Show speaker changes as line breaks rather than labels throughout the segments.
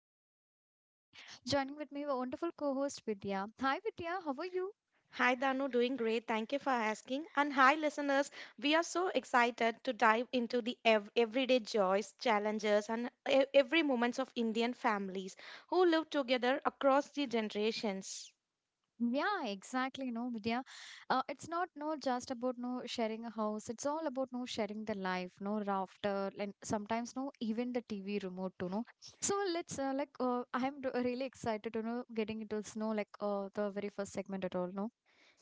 your host, and today joining with me, a wonderful co host, Vidya. Hi, Vidya, how are you?
Hi, Danu, doing great. Thank you for asking. And hi, listeners. We are so excited to dive into the everyday joys, challenges, and every moments of Indian families who live together across the generations.
Yeah, exactly. No, Vidya, it's not, no, just about, no, sharing a house. It's all about, no, sharing the life, no, rafter, and sometimes, no, even the TV remote, to know. So let's, like, I'm really excited to know, getting into this, no, like, the very first segment at all, no.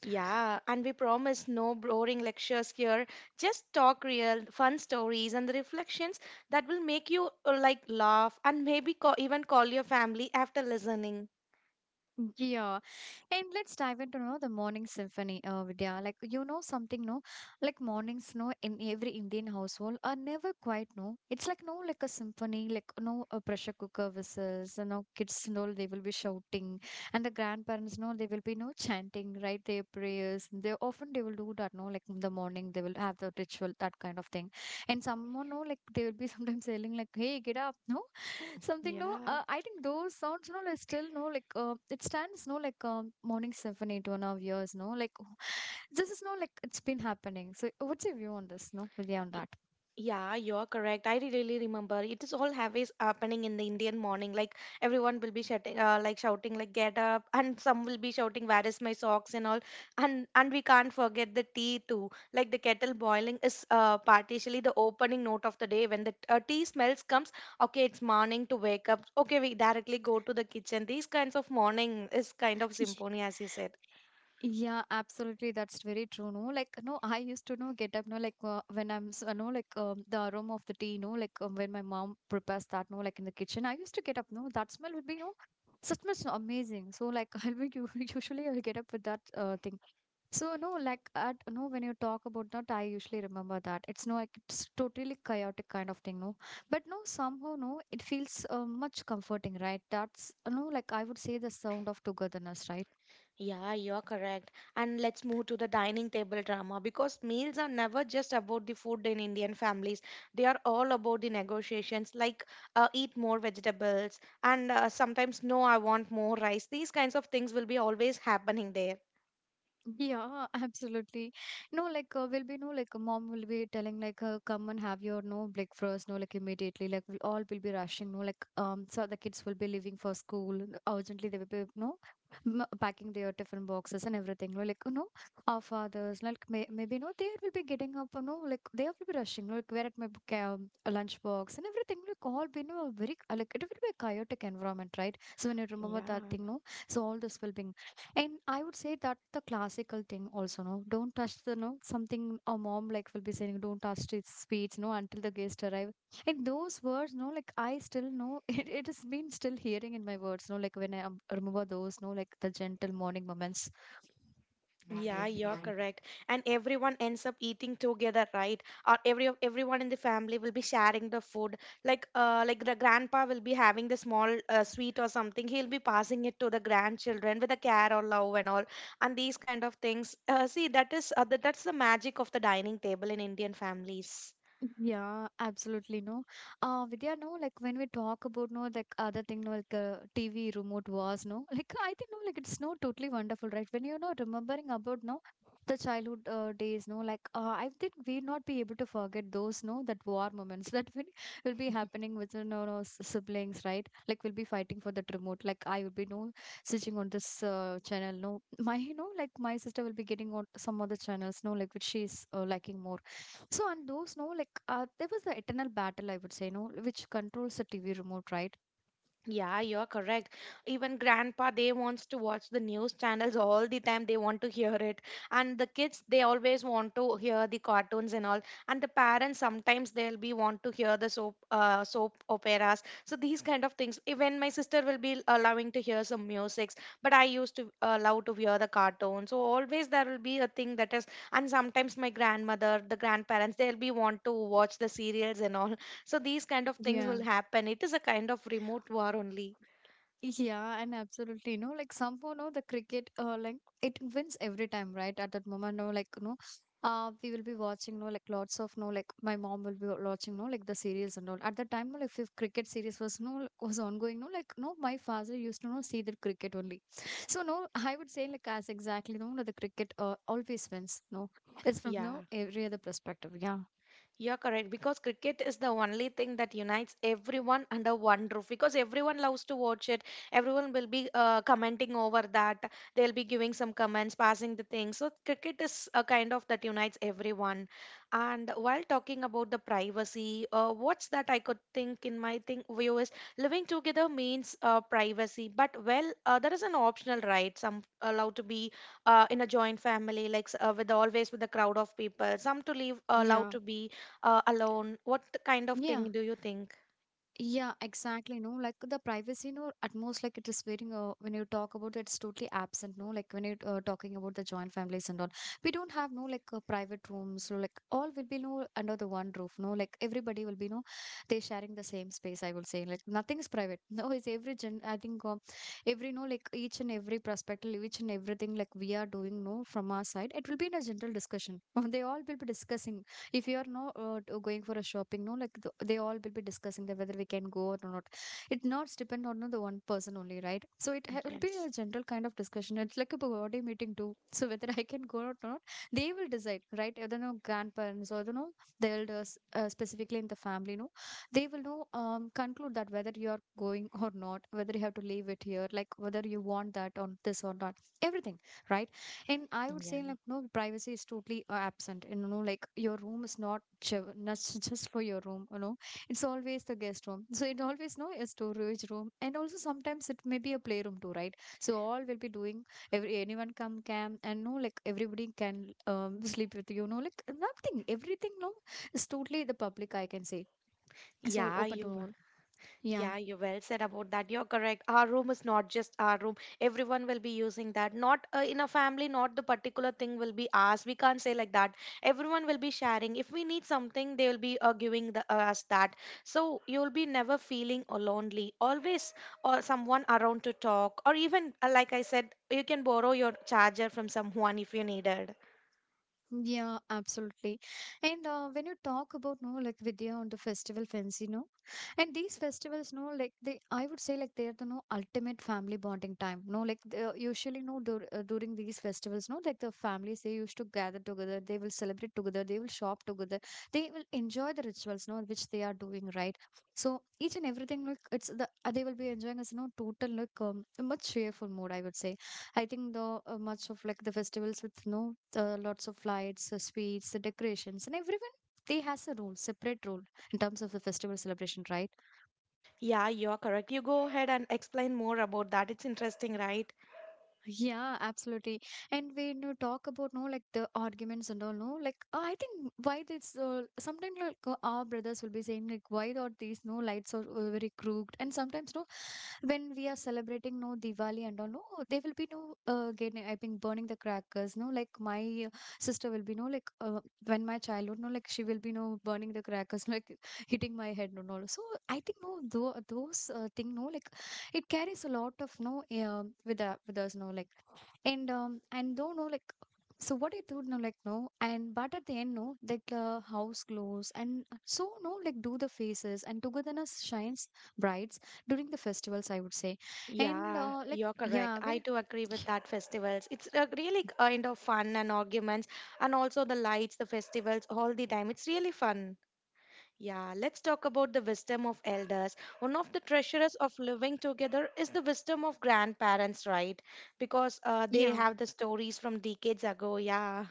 Yeah, and we promise no boring lectures here. Just talk real, fun stories and the reflections that will make you like laugh and maybe even call your family after listening.
Yeah. And let's dive into, the morning symphony, Vidya. Like you know something, no, like mornings, no, in every Indian household are never quite, no. It's like, no, like a symphony, like, no, a pressure cooker whistles. You know, kids, no, they will be shouting, and the grandparents, no, they will be, no, chanting, right? Their prayers. They often they will do that, no, like in the morning they will have the ritual, that kind of thing. And someone, no, like they will be sometimes telling like, hey, get up, no, something, no,
Yeah.
I think those sounds, no, like still, no, like, it stands, no, like, morning symphony to one of yours, no, like this is, no, like it's been happening. So what's your view on this, no, Vidya, on that?
Yeah, you're correct. I really remember it is all always happening in the Indian morning. Like everyone will be shouting, like shouting, like get up, and some will be shouting, "Where is my socks?" and all. And we can't forget the tea too. Like the kettle boiling is partially the opening note of the day. When the tea smells comes, okay, it's morning to wake up. Okay, we directly go to the kitchen. These kinds of morning is kind of
Ye-
symphony, as you said.
yeah, absolutely, that's very true, no, like, no, I used to, no, get up, no, like, no, like, the aroma of the tea, no, like, when my mom prepares that, no, like in the kitchen, I used to get up, no, that smell would be no such much amazing, so like usually I'll get up with that thing. So, no, like at, no, when you talk about that, I usually remember that it's, no, like it's totally chaotic kind of thing, no. But, no, somehow, no, it feels much comforting, right? That's no, like I would say the sound of togetherness, right?
Yeah, you're correct. And let's move to the dining table drama because meals are never just about the food in Indian families. They are all about the negotiations, like eat more vegetables and sometimes no, I want more rice. These kinds of things will be always happening there.
Yeah, absolutely. No, like will be no like mom will be telling like come and have your no breakfast, no, like immediately, like we all will be rushing, no, like so the kids will be leaving for school urgently, they will be no packing their tiffin boxes and everything, no, like, you know, our fathers like maybe, no, they will be getting up, you know, like they will be rushing, no, like, where at my book, a lunch box and everything, like all be no very like it will be a chaotic environment, right? So when you remember that
Yeah.
thing, no, so all this will be. And I would say that the classical thing also, no, don't touch the no something, a mom like will be saying, don't touch its speech, no, until the guests arrive. And those words, no, like I still know it has been still hearing in my words, no, like when I remember those, no, like the gentle morning moments.
Yeah, you're correct. And everyone ends up eating together, right? Or everyone in the family will be sharing the food. Like the grandpa will be having the small sweet or something. He'll be passing it to the grandchildren with a care or love and all. And these kind of things. See, that's the magic of the dining table in Indian families.
Yeah, absolutely, no. Vidya, no, like when we talk about, no, like other thing, no, like, TV remote was, no, like I think, no, like it's, no, totally wonderful, right? When, remembering about, no, the childhood days, no, like I think we not be able to forget those, no, that war moments that will be happening with, you know, no, siblings, right? Like we'll be fighting for that remote. Like I will be no switching on this channel, no, my, like my sister will be getting on some other channels, no, like which she's liking more. So, and those, no, like, there was the eternal battle, I would say, no, which controls the TV remote, right?
Yeah, you're correct. Even grandpa, they wants to watch the news channels all the time. They want to hear it. And the kids, they always want to hear the cartoons and all. And the parents, sometimes they'll be want to hear the soap operas. So these kind of things. Even my sister will be allowing to hear some musics, but I used to love to hear the cartoons. So always there will be a thing that is. And sometimes my grandmother, the grandparents, they'll be want to watch the serials and all. So these kind of things
Yeah.
will happen. It is a kind of remote war only.
Yeah, and absolutely, no, like, somehow, no, the cricket, like, it wins every time, right? At that moment, no, like, no, we will be watching, no, like, lots of, no, like, my mom will be watching, no, like, the series and all. At that time, no, like, if cricket series was ongoing, no, like, no, my father used to, no, see the cricket only. So, no, I would say, like, as exactly, no, the cricket always wins, no, it's from, no,
Yeah.
every other perspective, yeah.
You're correct because cricket is the only thing that unites everyone under one roof because everyone loves to watch it. Everyone will be commenting over that. They'll be giving some comments, passing the thing. So cricket is a kind of that unites everyone. And while talking about the privacy, what's that I could think in my thing view is living together means privacy, but well, there is an optional right. Some allowed to be in a joint family, like with always with a crowd of people. Some to leave allowed
Yeah,
to be alone, what kind of
yeah,
thing do you think?
yeah, exactly. No, like the privacy, no, at most, like it is very, when you talk about it, it's totally absent. No, like when you're talking about the joint families and all, we don't have no like private rooms, so like all will be no under the one roof. No, like everybody will be, no, they sharing the same space. I will say, like nothing is private. No, it's every gen, I think, uh, every, no, like each and every perspective, each and everything, like we are doing no from our side, it will be in a general discussion. They all will be discussing if you are no going for a shopping, no, like they all will be discussing that whether we can go or not. It not depend on, no, the one person only, right? So it will be
Yes.
a general kind of discussion, it's like a body meeting too so whether I can go or not, they will decide, right? I don't know, grandparents, or I don't know, the elders, specifically in the family, no, they will know, conclude that whether you are going or not, whether you have to leave it here, like whether you want that or this or not, everything, right? And I would say
Yeah.
like no privacy is totally absent. And like your room is not not just for your room. It's always the guest room. So it always no a storage room, and also sometimes it may be a playroom too, right? So all will be doing. Every anyone come camp, and no like everybody can sleep with you. No, like nothing. Everything, no, is totally the public. I can say it's all
yeah
open
you
to
w-
all. Yeah.
yeah, you well said about that. You're correct, our room is not just our room, everyone will be using that, not in a family not the particular thing will be ours, we can't say like that. Everyone will be sharing, if we need something they will be giving us that. So you'll be never feeling lonely, always or someone around to talk, or even like I said, you can borrow your charger from someone if you needed.
Yeah, absolutely. And when you talk about no like Vidya on the festival fancy, no, and these festivals, no, like they, I would say like they are the no ultimate family bonding time. No, like they are usually no during these festivals, no, like the families they used to gather together, they will celebrate together, they will shop together, they will enjoy the rituals, no, which they are doing, right? So each and everything, like it's they will be enjoying as no total like much cheerful mood, I would say. I think the much of like the festivals with no lots of lights, sweets, the decorations, and everyone they has a role, separate role in terms of the festival celebration, right?
Yeah, you're correct. You go ahead and explain more about that. It's interesting, right?
Yeah, absolutely. And when you talk about, no, like the arguments and all, no, like I think why this sometimes like our brothers will be saying like why are these no lights are very crooked, and sometimes no when we are celebrating no Diwali and all no they will be no getting I think burning the crackers, no, like my sister will be no like when my childhood no like she will be no burning the crackers like hitting my head, no, no, so I think no those thing, no, like it carries a lot of, no, with us, no, like. And don't know like so what I thought, no, like, no, and but at the end, no, like, house glows and so no like do the faces and togetherness shines brights during the festivals, I would say. And
Yeah,
like
you're correct.
yeah when
I
it-
too agree with that festivals. It's a really kind of fun and arguments and also the lights, the festivals all the time. It's really fun. Yeah, let's talk about the wisdom of elders. One of the treasures of living together is the wisdom of grandparents, right? Because they
yeah.
have the stories from decades ago. Yeah.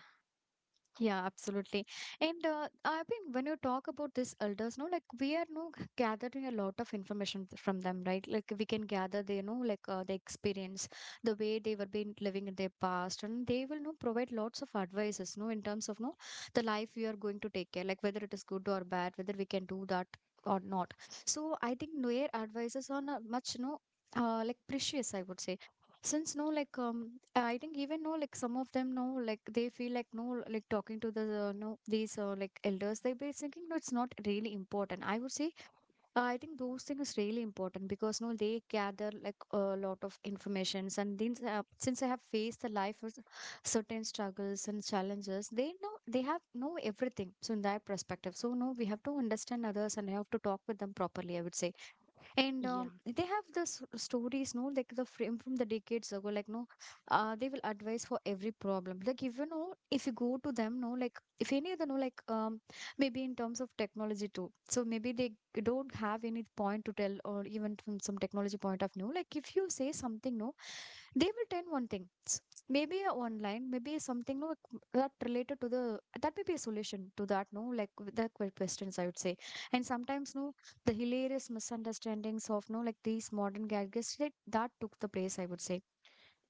Yeah, absolutely. And I mean, when you talk about these elders, no, like we are no gathering a lot of information from them, right? Like we can gather, they know, like, the experience, the way they were been living in their past, and they will no provide lots of advices, no, in terms of no the life we are going to take care, like whether it is good or bad, whether we can do that or not. So I think their advices are not much, no. Like precious, I would say since no like I think even no like some of them know like they feel like no like talking to the no these like elders they be thinking no it's not really important I would say. I think those things is really important because no they gather like a lot of informations. And then since I have faced the life with certain struggles and challenges they know they have know everything, so in that perspective, so no we have to understand others and have to talk with them properly, I would say. And they have the stories no like the frame from the decades ago like no. They will advise for every problem, like if you know if you go to them no like if any other no like maybe in terms of technology too. So maybe they don't have any point to tell, or even from some technology point of view, like if you say something no they will tell one thing maybe a online, maybe something no, like, that related to the that may be a solution to that no like with the questions, I would say. And sometimes no the hilarious misunderstandings of no like these modern gadgets they, that took the place, I would say.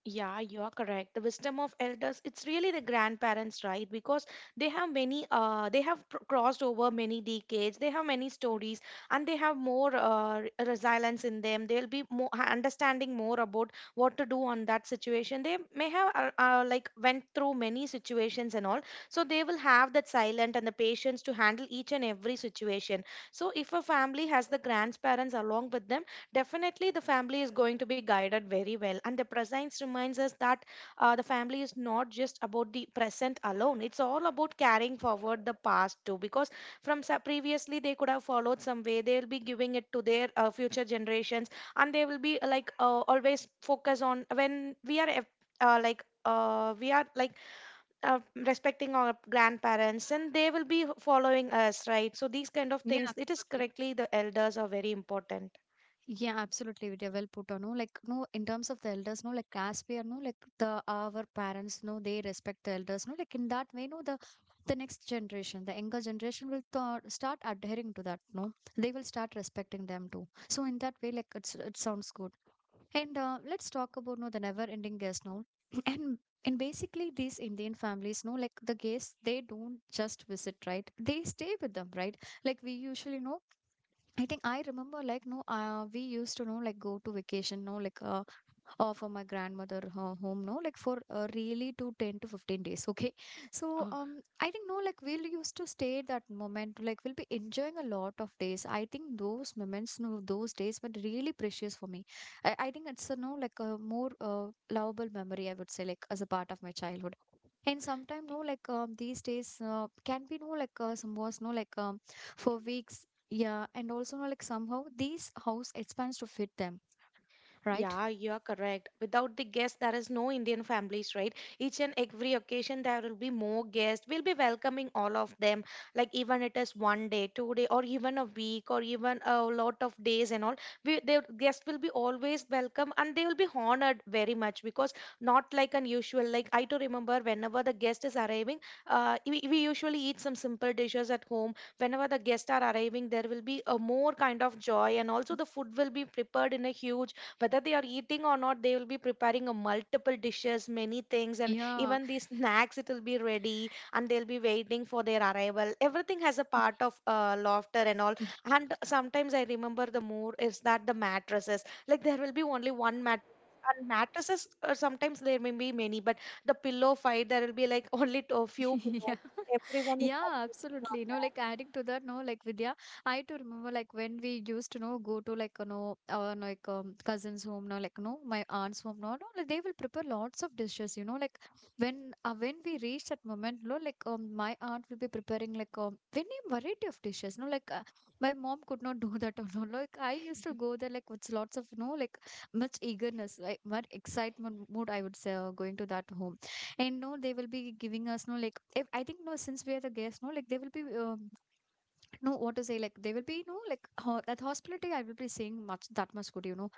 Yeah, you are correct. The wisdom of elders, it's really the grandparents, right? Because they have many, they have crossed over many decades, they have many stories, and they have more resilience in them. They'll be more understanding more about what to do on that situation. They may have like went through many situations and all, so they will have that silent and the patience to handle each and every situation. So if a family has the grandparents along with them, definitely, the family is going to be guided very well, and the presence reminds us that the family is not just about the present alone. It's all about carrying forward the past too, because from previously they could have followed some way. They'll be giving it to their future generations, and they will be always focus on when we are uh, like uh, we are like uh, respecting our grandparents, and they will be following us, right? So these kind of
Yeah,
things, it is
absolutely.
correctly the elders are very important.
Yeah, absolutely. They well put on. No, like no, in terms of the elders, no, like as we are, no, like the our parents, no, they respect the elders, no, like in that way, no, the next generation, the younger generation will start adhering to that. No, they will start respecting them too. So in that way, like it sounds good. And let's talk about no, the never-ending guest, no, and. And basically, these Indian families, no, like the guests, they don't just visit, right? They stay with them, right? Like we usually know I think I remember like no we used to know like go to vacation no like for my grandmother home now like for really to 10 to 15 days okay. So I think no like we'll used to stay at that moment, like we'll be enjoying a lot of days. I think those moments no those days were really precious for me. I think it's a no like a more lovable memory, I would say, like as a part of my childhood. And sometime no like these days can be no like some was no like for weeks, yeah. And also no like somehow these house expands to fit them. Right.
Yeah, you are correct. Without the guests, there is no Indian families, right? Each and every occasion, there will be more guests. We'll be welcoming all of them. Like even it is one day, 2 day, or even a week, or even a lot of days and all. We the guests will be always welcome, and they will be honored very much because not like unusual. Like I do remember, whenever the guest is arriving, we usually eat some simple dishes at home. Whenever the guests are arriving, there will be a more kind of joy, and also the food will be prepared in a huge, whether they are eating or not, they will be preparing a multiple dishes, many things, and
Yeah.
even the snacks, it will be ready and they'll be waiting for their arrival. Everything has a part of laughter and all. And sometimes I remember the more is that the mattresses, like there will be only one mat and mattresses, sometimes there may be many, but the pillow fight there will be like only a few
Yeah,
pillows, everyone is
yeah,
adjusting on
absolutely. No,
that.
like adding to that, no, like Vidya, I too remember like when we used to know go to like you know our like cousins' home, no, like no my aunt's home, no, no, like, they will prepare lots of dishes. You know, like when we reach that moment, no, like my aunt will be preparing like any variety of dishes. No, like my mom could not do that. No, like I used to go there like with lots of no like much eagerness, like much excitement mood, I would say, going to that home. And no they will be giving us no like if I think no since we are the guests no like they will be no what to say, like they will be no like ho at hospitality I will be saying much that much good, you know.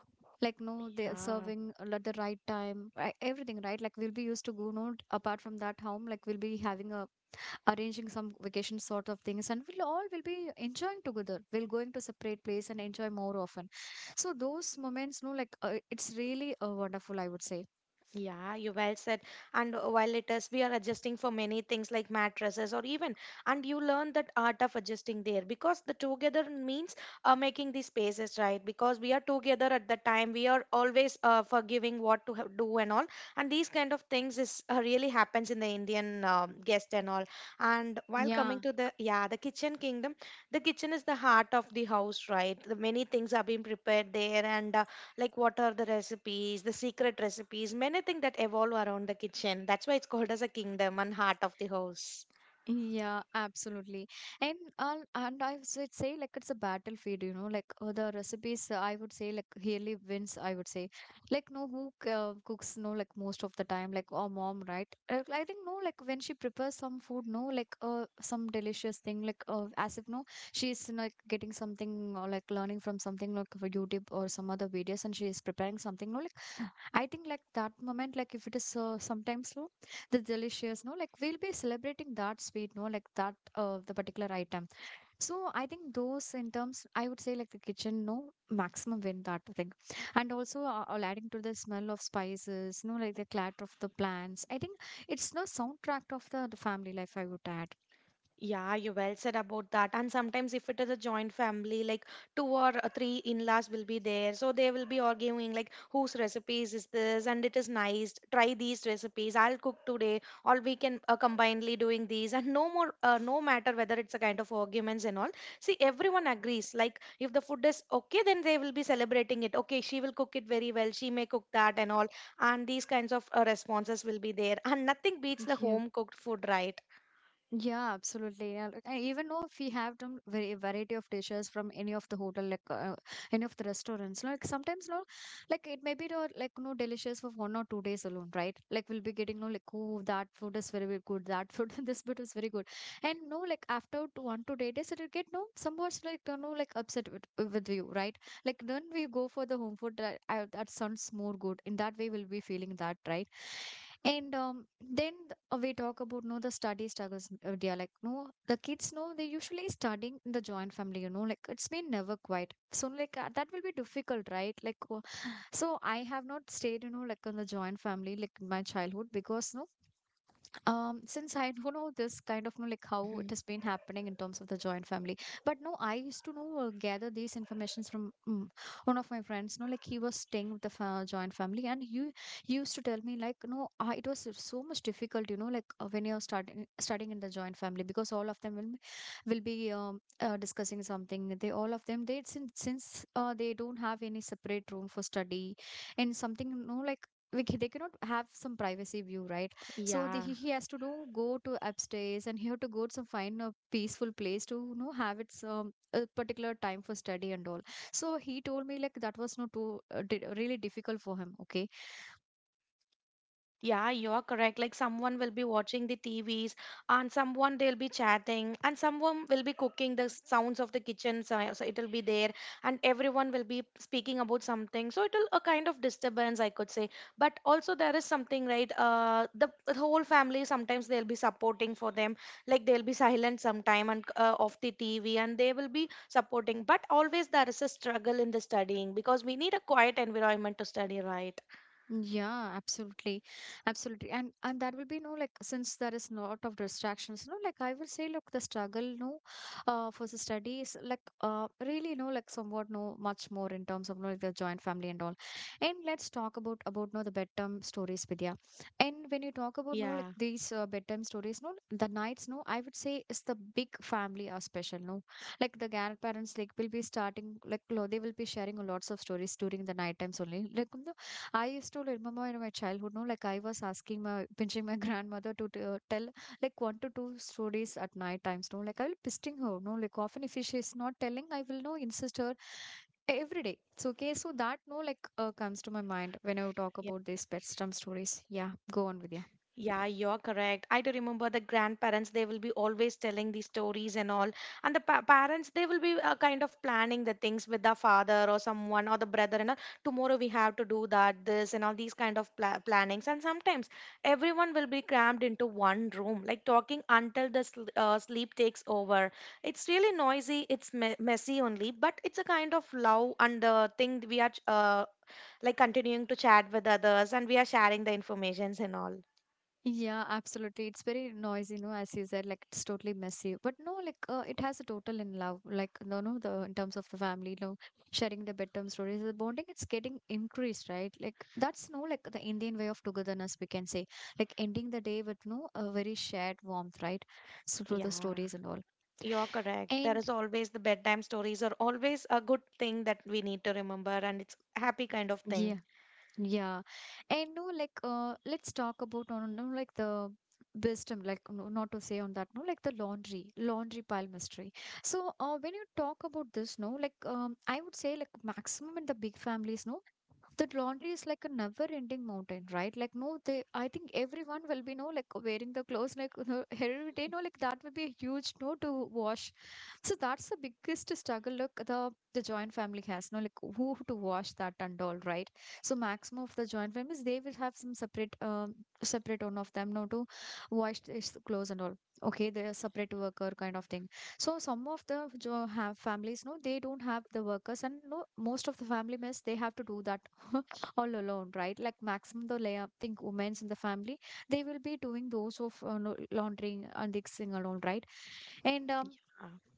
Like no they are
Yeah.
serving at the right time right, everything right, like we'll be used to go no apart from that home like we'll be having a arranging some vacation sort of things, and we'll all will be enjoying together, we'll going to separate place and enjoy more often. So those moments no like it's really wonderful, I would say.
Yeah, you well said. And while it is, we are adjusting for many things like mattresses or even, and you learn that art of adjusting there because the together means making the spaces right because we are together at the time. We are always forgiving what to do and all. And these kind of things is really happens in the Indian guest and all. And while coming
Yeah.
to the yeah, the kitchen kingdom, the kitchen is the heart of the house, right? The many things are being prepared there, and like what are the recipes, the secret recipes, many things that evolve around the kitchen. That's why it's called as a kingdom and heart of the house.
Yeah, absolutely. And I would say like it's a battlefield, you know, like the recipes I would say like really wins, I would say. Like no who cooks no like most of the time like our mom, right? I think no like when she prepares some food, no like some delicious thing like as if no she's like getting something or like learning from something like for YouTube or some other videos, and she is preparing something no like, I think like that moment, like if it is sometimes no, the delicious, no, like we'll be celebrating that sweet, no, like that the particular item. So I think those in terms, I would say like the kitchen, no, maximum win that thing, and also adding to the smell of spices, no, like the clatter of the plants. I think it's the soundtrack of the family life, I would add.
Yeah, you well said about that. And sometimes, if it is a joint family, like two or three in-laws will be there, so they will be arguing like whose recipes is this, and it is nice. Try these recipes. I'll cook today, or we can combinedly doing these, and no more, no matter whether it's a kind of arguments and all. See, everyone agrees. Like if the food is okay, then they will be celebrating it. Okay, she will cook it very well. She may cook that and all, and these kinds of responses will be there, and nothing beats the
Yeah.
home cooked food, right?
Yeah, absolutely. Yeah, like, I even know if we have some very variety of dishes from any of the hotel, like any of the restaurants, like sometimes, no, like it may be no, like no delicious for one or two days alone, right? Like we'll be getting no, like oh that food is very, very good, that food this bit is very good, and no, like after two, one to two days, it'll get no somewhat like you know like upset with you, right? Like then we go for the home food that that sounds more good. In that way, we'll be feeling that, right? And then we talk about no the study struggles, dear. Like no, the kids know they usually studying in the joint family. You know, like it's been never quite. So like that will be difficult, right? Like so, I have not stayed. You know, like in the joint family, like in my childhood, because no, since I don't know this kind of you know like how
Hmm.
it has been happening in terms of the joint family. But no I used to know gather these informations from one of my friends no like he was staying with the joint family, and you he used to tell me like no it was so much difficult, you know, like when you're starting studying in the joint family because all of them will be discussing something they all of them they since they don't have any separate room for study and something, you know, like we, they cannot have some privacy view, right. So the,
Yeah.
he has to know go to upstairs and he have to go to some find a peaceful place to you know have its a particular time for study and all. So he told me like that was not too really difficult for him. Okay,
Yeah, you're correct. Like someone will be watching the TVs, and someone they'll be chatting, and someone will be cooking the sounds of the kitchen. So, so it'll be there, and everyone will be speaking about something. So it'll a kind of disturbance, I could say. But also there is something, right? The whole family sometimes they'll be supporting for them. Like they'll be silent sometime and off the TV, and they will be supporting. But always there is a struggle in the studying because we need a quiet environment to study, right?
yeah, absolutely. Absolutely. And that will be no like since there is lot of distractions, no, like I will say look the struggle no for the studies like really no like somewhat no much more in terms of no like the joint family and all. And let's talk about no the bedtime stories, Vidya. And when you talk about no like
Yeah.
these bedtime stories, no the nights no I would say is the big family are special, no. Like the grandparents like will be starting like they will be sharing lots of stories during the night times only. Like I used to remember in my childhood, no, like I was asking my pinching my grandmother to tell like one to two stories at night times, no, like I will pestering her, no, like often if she is not telling, I will no insist her every day. So okay, so that no, like comes to my mind when I would talk
Yeah.
about these pet stump stories. Yeah, go on with.
Yeah, you're correct. I do remember the grandparents, they will be always telling these stories and all. And the pa parents, they will be kind of planning the things with the father or someone or the brother and all. Tomorrow we have to do that, this, and all these kind of plannings. And sometimes everyone will be crammed into one room, like talking until the sl sleep takes over. It's really noisy, it's me messy only, but it's a kind of love and the thing we are like continuing to chat with others and we are sharing the informations and all.
Yeah, absolutely. It's very noisy, no, as you said, like it's totally messy. But no, like it has a total in love. Like no, no, the in terms of the family, no, sharing the bedtime stories, the bonding, it's getting increased, right? Like that's no, like the Indian way of togetherness, we can say, like ending the day with no a very shared warmth, right? So through the
Yeah,
stories and all.
you're correct. There
And
is always the bedtime stories are always a good thing that we need to remember, and it's a happy kind of thing.
yeah. Yeah. And no, like let's talk about on no no, like the wisdom, like no, not to say on that, no, like the laundry, laundry pile mystery. So when you talk about this, no, like I would say like maximum in the big families, no, that laundry is like a never ending mountain, right? Like no, they I think everyone will be no like wearing the clothes like every day, no, like that will be a huge no to wash. So that's the biggest struggle. Look, the joint family has no like who to wash that and all, right? So maximum of the joint families they will have some separate separate one of them no to wash his clothes and all. Okay, they're separate worker kind of thing. So some of the have families no they don't have the workers and no most of the family members they have to do that all alone, right? Like maximum the lay up think women's in the family, they will be doing those of laundering and the sing alone, right? And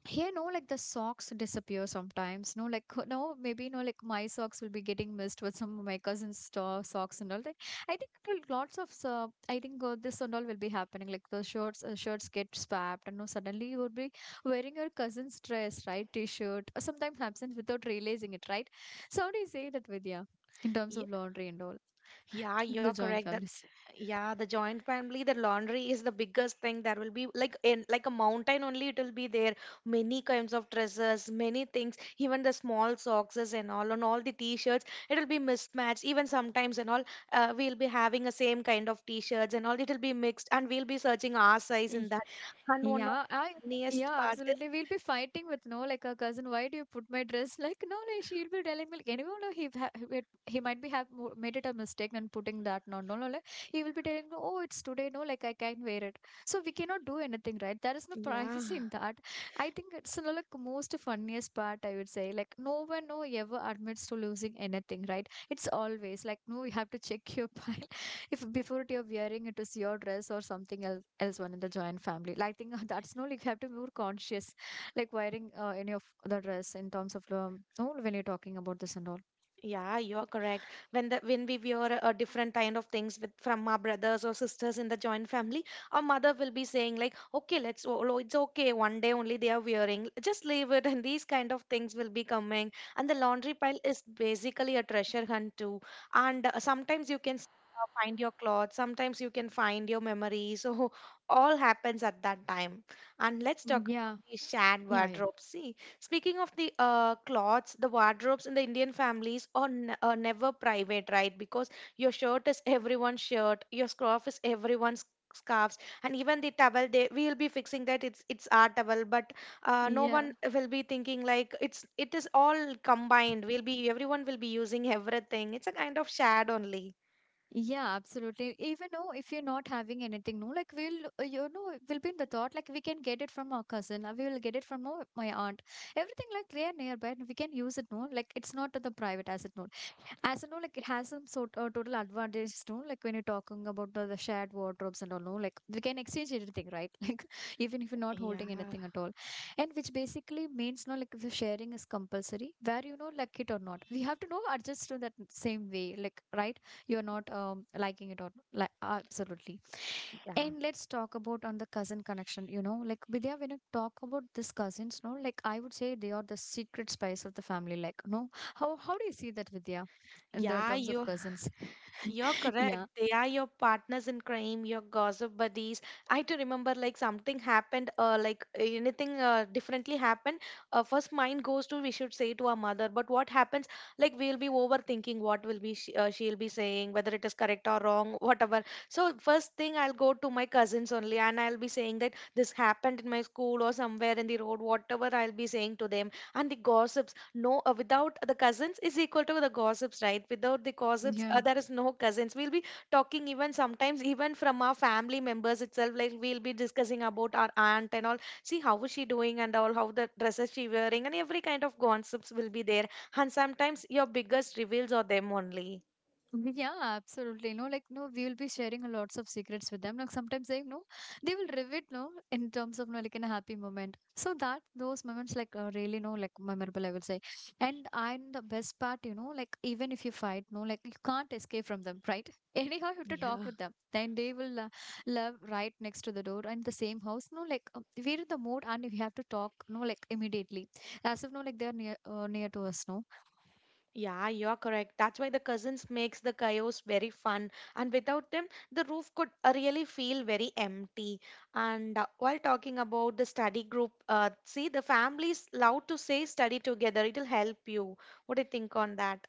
here no like the socks disappear sometimes no like no maybe no like my socks will be getting missed with some of my cousins store socks and all that. I think it will- lots of I think this and all will be happening, like the shirts, shirts get swapped, and no suddenly you would be wearing your cousin's dress, right, t-shirt, or sometimes happens without realizing it, right? So how do you say that, Vidya, in terms of
Yeah,
laundry and all,
yeah,
the
you're
joint
correct. That
families?
Yeah, the joint family, the laundry is the biggest thing. There will be like in like a mountain only it will be there. Many kinds of dresses, many things, even the small socks and all the t-shirts. It will be mismatched. Even sometimes and all, we'll be having a same kind of t-shirts and all. It will be mixed, and we'll be searching our size in that. And one of
Yeah, I
the funniest
yeah,
part is,
absolutely. We'll be fighting with no like a cousin. Why do you put my dress? Like no, no. She'll be telling me like, anyone know he ha he had- he might be have made it a mistake and putting that. No, no, no. Like, he will be telling me, oh, it's today. No, like I can't wear it. So we cannot do anything, right? There is no
yeah.
privacy in that. I think it's you know, like most funniest part. I would say like no one no ever admits to losing anything, right? It's always like no, you have to check your pile if before it you're wearing it is your dress or something else else one in the joint family, like I think that's no like you have to be more conscious, like wearing any of the dress in terms of oh, when you're talking about this and all.
Yeah, you are correct. When we wear a different kind of things with from our brothers or sisters in the joint family, our mother will be saying like, "Okay, let's. Oh, oh, it's okay. One day only they are wearing. Just leave it." And these kind of things will be coming. And the laundry pile is basically a treasure hunt too. And sometimes you can find your clothes. Sometimes you can find your memories. So all happens at that time. And let's talk about
Yeah,
the shared
yeah, yeah.
wardrobe. See, speaking of the clothes, the wardrobes in the Indian families are never private, right? Because your shirt is everyone's shirt, your scarf is everyone's scarves, and even the towel. They we will be fixing that it's our towel, but no
Yeah,
one will be thinking like it's it is all combined. We'll be everyone will be using everything. It's a kind of shared only.
yeah, absolutely. Even though if you're not having anything, no, like we'll you know, we'll be in the thought like we can get it from our cousin. We will get it from our, my aunt. Everything, like they are nearby and we can use it, no, like it's not the private asset, no. As you know, like it has some sort of total advantage, no? Like when you're talking about the shared wardrobes and all, no? Like we can exchange anything, right? Like even if you're not holding
Yeah,
anything at all, and which basically means, no, like if the sharing is compulsory, where you know like it or not, we have to know adjust to that same way, like right? You're not liking it or like, absolutely.
yeah,
And let's talk about on the cousin connection, you know, like Vidya, when you talk about these cousins, no, like I would say they are the secret spice of the family, like no, how do you see that, Vidya, in the
yeah.
terms of
You
cousins?
You're correct.
Yeah.
They are your partners in crime, your gossip buddies. I do remember like something happened, like anything differently happened. First, mind goes to we should say to our mother. But what happens? Like we'll be overthinking what will be she'll be saying, whether it is correct or wrong, whatever. So first thing, I'll go to my cousins only, and I'll be saying that this happened in my school or somewhere in the road, whatever I'll be saying to them, and the gossips. No, without the cousins is equal to the gossips, right? Without the gossips,
Yeah.
there is no cousins. We'll be talking even sometimes, even from our family members itself. Like we'll be discussing about our aunt and all. See how is she doing and all, how the dresses she wearing, and every kind of gossips will be there. And sometimes your biggest reveals are them only.
Yeah, absolutely. You know, like no, we will be sharing a lots of secrets with them. Like sometimes I know they will rivet, no, in terms of no, like in a happy moment. So that those moments like are really no, like memorable, I will say. And the best part, you know, like even if you fight, no, like you can't escape from them, right? Anyhow, you have to talk
Yeah.
with them. Then they will love right next to the door and the same house. No, like we're in the mood and we have to talk, no, like immediately, as if no, like they are near near to us, no.
Yeah, you're correct. That's why the cousins makes the chaos very fun, and without them, the roof could really feel very empty. And while talking about the study group, see the families love to say study together. It'll help you. What do you think on that?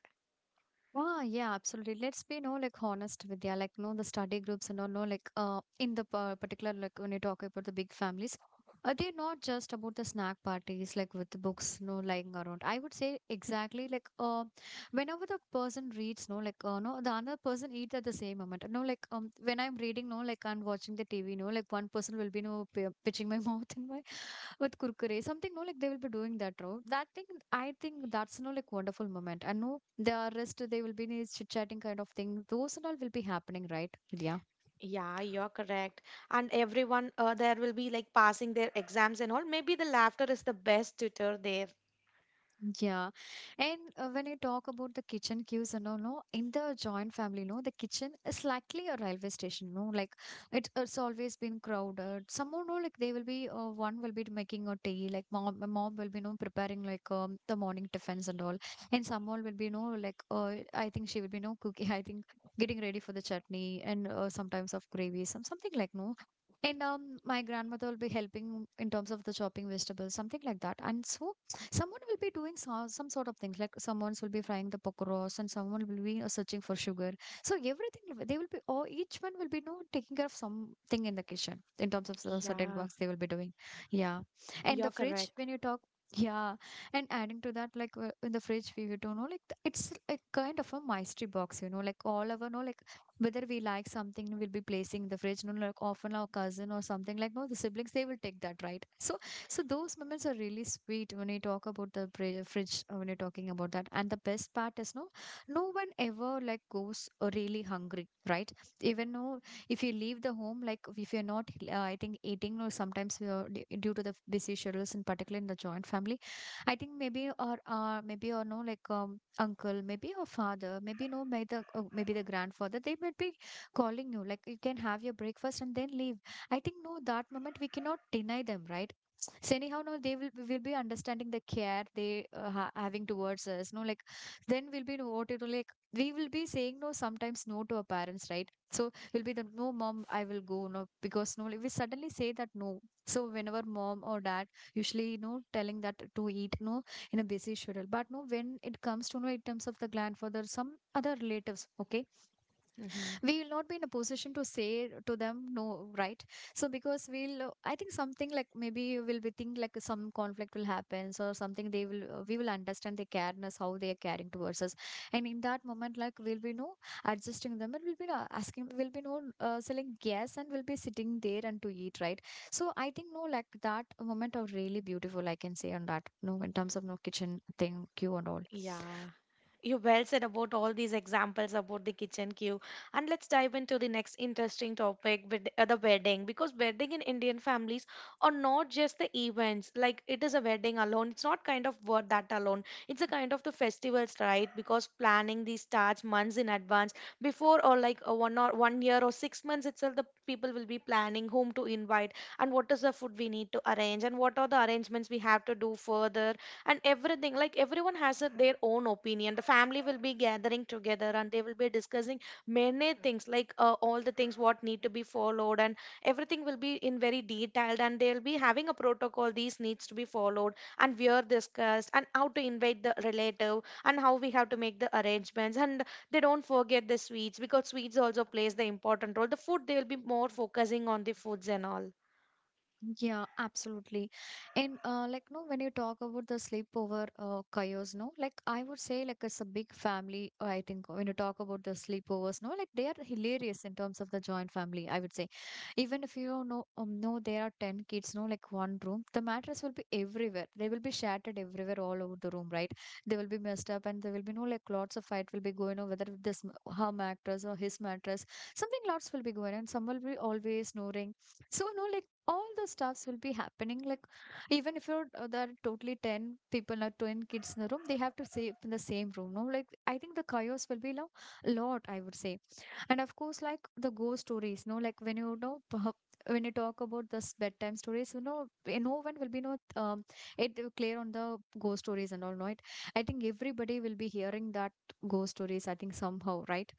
Wow, yeah, absolutely. Let's be no like honest with, yeah, like no the study groups and all, no, like in the particular, like when you talk about the big families, are they not just about the snack parties like with the books no lying around? I would say exactly, like whenever the person reads, no, like no the another person eats at the same moment. No, like when I'm reading, no, like I'm watching the TV, no, like one person will be no pitching my mouth in my with kurkure something, no, like they will be doing that row that thing. I think that's no like wonderful moment, and no the rest they will be in chit chatting kind of thing, those and all will be happening, right, Vidya?
Yeah, you're correct. And everyone there will be like passing their exams and all. Maybe the laughter is the best tutor there.
Yeah. And when you talk about the kitchen queues and all, no, in the joint family, no, the kitchen is likely a railway station, no, like it, it's always been crowded. Someone, no, like they will be, one will be making a tea, like mom, my mom will be, no, preparing like the morning tiffins and all. And someone will be, no, like, I think she will be, no, cooking, I think getting ready for the chutney and sometimes of gravy, some, something like, no, and my grandmother will be helping in terms of the chopping vegetables, something like that. And so someone will be doing so, some sort of things, like someone will be frying the pakoras and someone will be searching for sugar. So everything will they will be, or each one will be no taking care of something in the kitchen in terms of the certain
Yeah,
works they will be doing. Yeah, and
you're
the fridge
correct.
when you talk. Yeah, and adding to that, like in the fridge, we don't know, like it's a kind of a mystery box, you know, like all our know, like whether we like something, we'll be placing in the fridge. No like often our cousin or something, like no, the siblings they will take that, right? So so those moments are really sweet when you talk about the fridge, when you're talking about that. And the best part is no, no one ever like goes really hungry, right? Even though if you leave the home, like if you're not, I think eating, or sometimes we are, due to the busy schedules and particularly in the joint family, I think maybe or maybe or no like uncle, maybe your father, maybe no, maybe the grandfather, they might be calling you like you can have your breakfast and then leave. I think no, that moment we cannot deny them, right? So anyhow, no, they will be understanding the care they ha having towards us. No, like then we'll be what it will like we will be saying no sometimes no to our parents, right? So we'll be the no mom, I will go no because no like, we suddenly say that no. So whenever mom or dad usually you know telling that to eat, no, in a busy schedule, but no when it comes to no in terms of the grandfather, some other relatives, okay,
Mhm.
we will not be in a position to say to them no, right? So because we'll I think something like maybe we'll be think like some conflict will happen or something they will we will understand the careness how they are caring towards us. And in that moment, like we'll be no adjusting them and we'll be asking, we'll be no selling gas and we'll be sitting there and to eat, right? So I think no like that moment are really beautiful, I can say on that, no, in terms of no kitchen thing queue and all.
Yeah, you well said about all these examples about the kitchen queue. And let's dive into the next interesting topic with the wedding, because wedding in Indian families are not just the events. Like it is a wedding alone. It's not kind of what that alone. It's a kind of the festivals, right? Because planning these starts months in advance, before, or like a one or one year or 6 months itself, the people will be planning whom to invite, and what is the food we need to arrange, and what are the arrangements we have to do further. And everything, like everyone has a, their own opinion. The family will be gathering together and they will be discussing many things, like all the things what need to be followed. And everything will be in very detailed, and they will be having a protocol these needs to be followed, and we are discussed, and how to invite the relative, and how we have to make the arrangements. And they don't forget the sweets, because sweets also plays the important role. The food, they will be more focusing on the foods and all.
Yeah, absolutely. And like no, when you talk about the sleepover chaos, no, like I would say like it's a big family. I think when you talk about the sleepovers, no, like they are hilarious in terms of the joint family, I would say, even if you know, no, there are 10 kids, no, like one room, the mattress will be everywhere. They will be shattered everywhere, all over the room, right? They will be messed up, and there will be no like lots of fight will be going on whether this her mattress or his mattress, something lots will be going on. Some will be always snoring. So no, like all the stuffs will be happening like even if you're there are totally 10 people or 10 kids in the room they have to sleep in the same room, no like I think the chaos will be lot, I would say. And of course like the ghost stories, no like when you talk about this bedtime stories, no one will be not it will clear on the ghost stories and all, right? I think everybody will be hearing that ghost stories, I think somehow, right?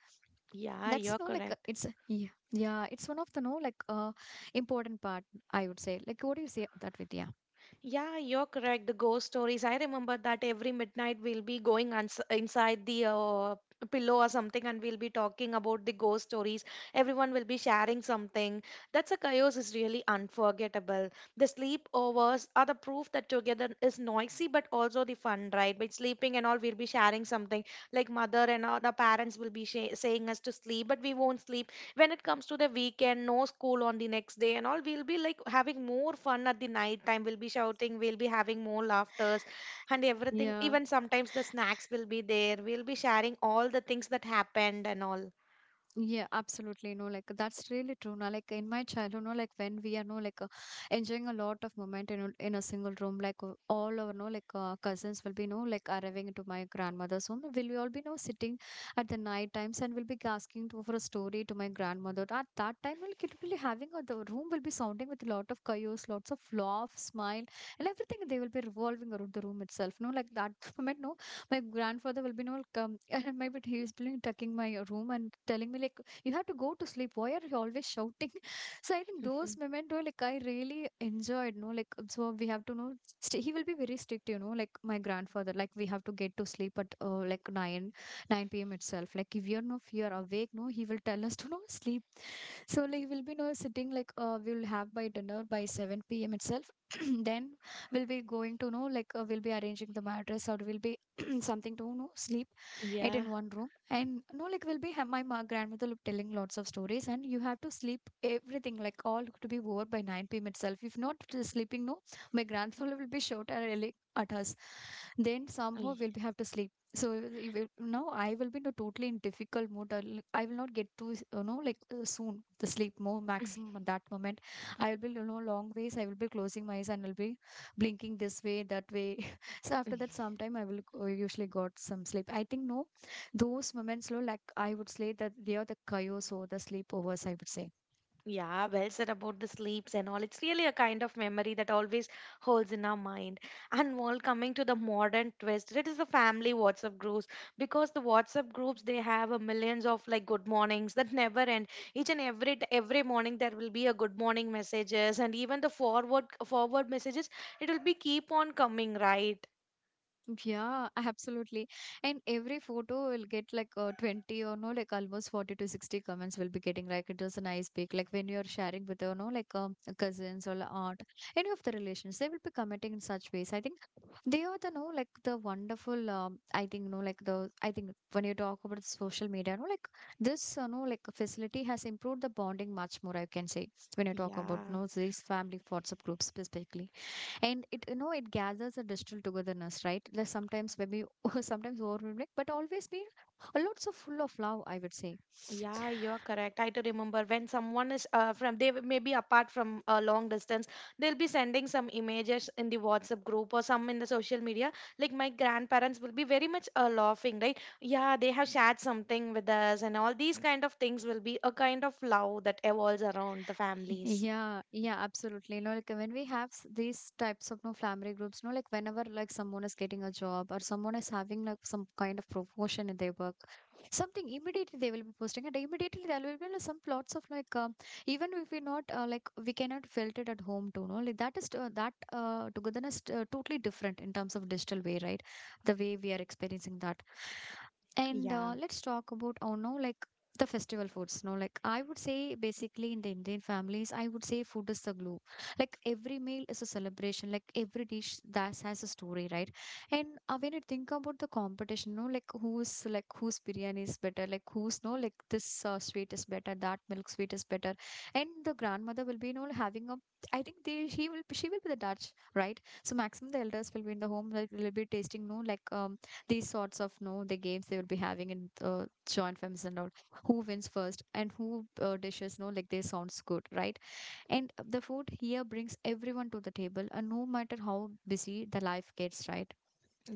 Yeah,
That's
you're
no like
correct.
it's yeah, it's one of the no like important part, I would say, like what do you say that with, yeah.
Yeah, you're correct. The ghost stories. I remember that every midnight we'll be going uns inside the pillow or something, and we'll be talking about the ghost stories. Everyone will be sharing something. That's a chaos is really unforgettable. The sleepovers are the proof that together is noisy, but also the fun, right? By sleeping and all, we'll be sharing something. Like mother and all the parents will be sh saying us to sleep, but we won't sleep. When it comes to the weekend, no school on the next day and all, we'll be like having more fun at the night time. We'll be shouting, we'll be having more laughters, and everything.
Yeah,
Even sometimes the snacks will be there. We'll be sharing all the things that happened and all.
Yeah, absolutely. No, like that's really true. Now, like in my childhood, no, like when we are no, like enjoying a lot of moment in in a single room, like all our no, like cousins will be no, like arriving into my grandmother's home. Will we all be no sitting at the night times, and we'll be asking to, for a story to my grandmother. At that time, like it will be having the room will be sounding with a lot of chaos, lots of laugh, smile, and everything. They will be revolving around the room itself. No, like that moment, no, my grandfather will be no come and maybe he is doing tucking my room and telling me like you have to go to sleep, why are you always shouting? So I think those moments were like I really enjoyed, no like, so we have to know he will be very strict, you know, like my grandfather, like we have to get to sleep at like 9 p.m itself, like if you're no if you're awake no he will tell us to no sleep. So like we'll be no sitting like we'll have by dinner by 7 p.m itself then we'll be going to know like we'll be arranging the mattress, or we'll be something to, you know, sleep it
yeah.
in one room, and no like will be my grandmother will be telling lots of stories and you have to sleep everything like all to be over by 9 p.m itself, if not sleeping no my grandfather will be short and really at us, then somehow we'll be have to sleep. So you will, now I will be in a totally in difficult mood, I will not get to, you know, like soon the sleep more maximum at that moment. I will be, you know, long ways, I will be closing my eyes and I'll be blinking this way that way. So after that, sometime I will usually got some sleep. I think no, those moments, low, like I would say that they are the chaos or the sleepovers, I would say.
Yeah, well said about the sleeps and all. It's really a kind of memory that always holds in our mind. And while coming to the modern twist, it is the family WhatsApp groups, because the WhatsApp groups, they have a millions of like good mornings that never end. Each and every every morning there will be a good morning messages, and even the forward messages. It will be keep on coming, right?
Yeah, absolutely. And every photo will get like 20 or no, like almost 40 to 60 comments will be getting like it was a nice pic. Like when you're sharing with, you no, like cousins or aunt, any of the relations, they will be commenting in such ways. I think they are the no like the wonderful I think no like the I think when you talk about social media no like this no like facility has improved the bonding much more, I can say, when you talk about
Yeah.
no these family WhatsApp groups specifically, and it you know it gathers a digital togetherness, right? Like sometimes maybe sometimes overwhelming but always be a lots of full of love, I would say.
Yeah, you're correct. I do remember when someone is from, they may be apart from a long distance, they'll be sending some images in the WhatsApp group or some in the social media. Like my grandparents will be very much laughing, right? Yeah, they have shared something with us, and all these kind of things will be a kind of love that evolves around the families.
Yeah, yeah, absolutely. You know, like when we have these types of no family groups, no, like whenever like someone is getting a job or someone is having like some kind of promotion in their work, something immediately they will be posting it. Immediately there will be like, some plots of like even if we not like we cannot felt it at home too, no, like that is that togetherness totally different in terms of digital way, right? The way we are experiencing that. And
Yeah.
let's talk about oh no, like the festival foods, no like I would say basically in the Indian families, I would say food is the glue, like every meal is a celebration, like every dish that has a story, right? And when you think about the competition, no like who's like whose biryani is better, like who's no like this sweet is better, that milk sweet is better. And the grandmother will be no having a, I think they she will be the dutch, right? So maximum the elders will be in the home, they will be tasting no like these sorts of no the games they will be having in joint families and all. Who wins first and who dishes no like they sounds good, right? And the food here brings everyone to the table, and no matter how busy the life gets, right?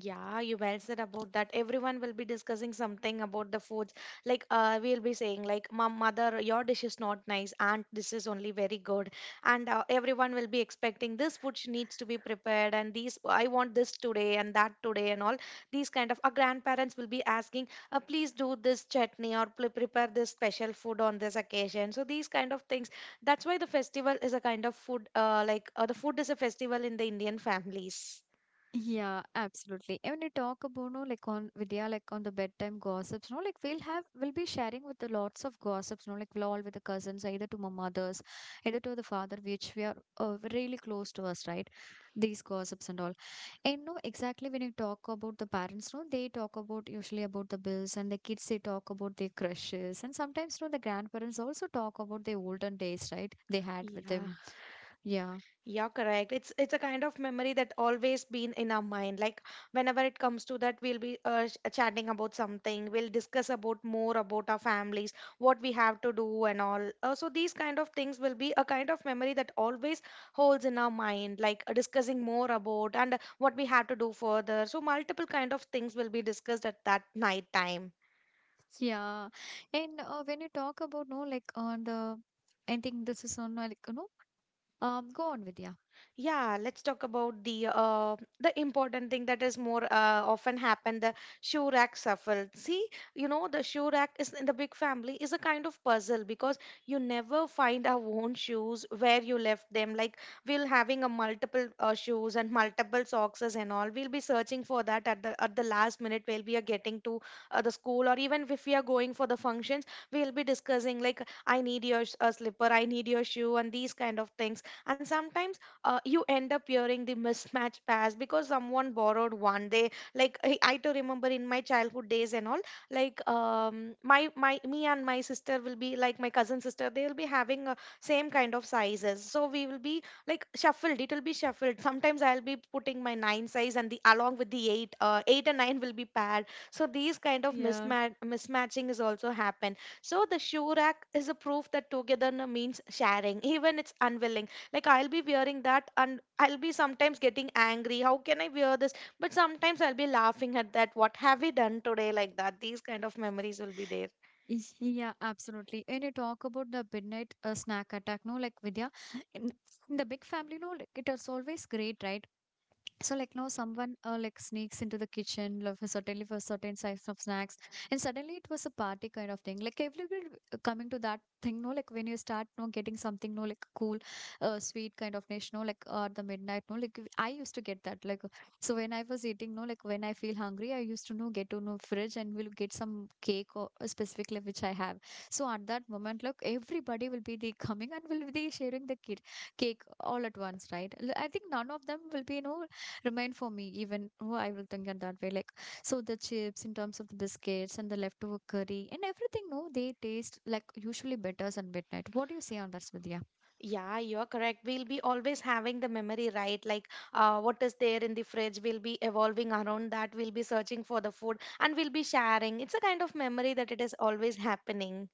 Yeah, you well said about that. Everyone will be discussing something about the foods. Like we'll be saying like, "Mom, mother, your dish is not nice, and this is only very good." And everyone will be expecting this food needs to be prepared, and these I want this today and that today and all these kind of. Our grandparents will be asking, "Please do this chutney or prepare this special food on this occasion." So these kind of things. That's why the festival is a kind of food. Like the food is a festival in the Indian families.
Yeah, absolutely. And when you talk about no, like on Vidya, like on the bedtime gossips, no, like we'll be sharing with the lots of gossips, no, like we'll all with the cousins, either to my mothers, either to the father, which we are really close to us, right? These gossips and all. And no, exactly when you talk about the parents, no, they talk about usually about the bills, and the kids they talk about their crushes, and sometimes no, the grandparents also talk about their olden days, right? They had with
Yeah.
them. Yeah.
Yeah, correct. It's a kind of memory that always been in our mind. Like whenever it comes to that, we'll be chatting about something. We'll discuss about more about our families, what we have to do and all. So these kind of things will be a kind of memory that always holds in our mind. Like discussing more about and what we have to do further. So multiple kind of things will be discussed at that night time.
Yeah. And when you talk about, no, like on the, I think this is on, like, you know, go on, Vidya.
Yeah, let's talk about the the important thing, that is more often happen, the shoe rack shuffle. See, you know the shoe rack is in the big family is a kind of puzzle, because you never find our own shoes where you left them. Like we'll having a multiple shoes and multiple socks and all. We'll be searching for that at the last minute while we are getting to the school, or even if we are going for the functions, we'll be discussing like I need your slipper, I need your shoe, and these kind of things. And sometimes you end up hearing the mismatch pass because someone borrowed one day. Like I to remember in my childhood days and all, like my my me and my sister will be like my cousin sister, they will be having same kind of sizes, so we will be like shuffled. It will be shuffled. Sometimes I'll be putting my 9 size and the along with the 8 and 9 will be paired, so these kind of
Yeah.
mismatching is also happen. So the shoe rack is a proof that together means sharing, even it's unwilling. Like I'll be wearing that and I'll be sometimes getting angry, how can I wear this? But sometimes I'll be laughing at that, what have we done today, like that. These kind of memories will be there.
Yeah, absolutely. And you talk about the midnight snack attack, no, like Vidya, in, in the big family, no, like it is always great, right? So like now someone like sneaks into the kitchen like, for certainly for certain size of snacks, and suddenly it was a party kind of thing, like everybody coming to that thing, no like when you start no getting something no like cool sweet kind of dish, no like the midnight no like I used to get that like so when I was eating no like when I feel hungry I used to no get to no fridge and will get some cake or specifically which I have. So at that moment look everybody will be the coming and will be sharing the kid cake all at once, right? I think none of them will be, no remained for me even, oh, I will think in that way like. So the chips in terms of the biscuits and the leftover curry and everything no they taste like usually better on midnight, what do you say on that, Smidhya?
Yeah, you're correct. We'll be always having the memory, right? Like what is there in the fridge, we'll be evolving around that. We'll be searching for the food and we'll be sharing. It's a kind of memory that it is always happening.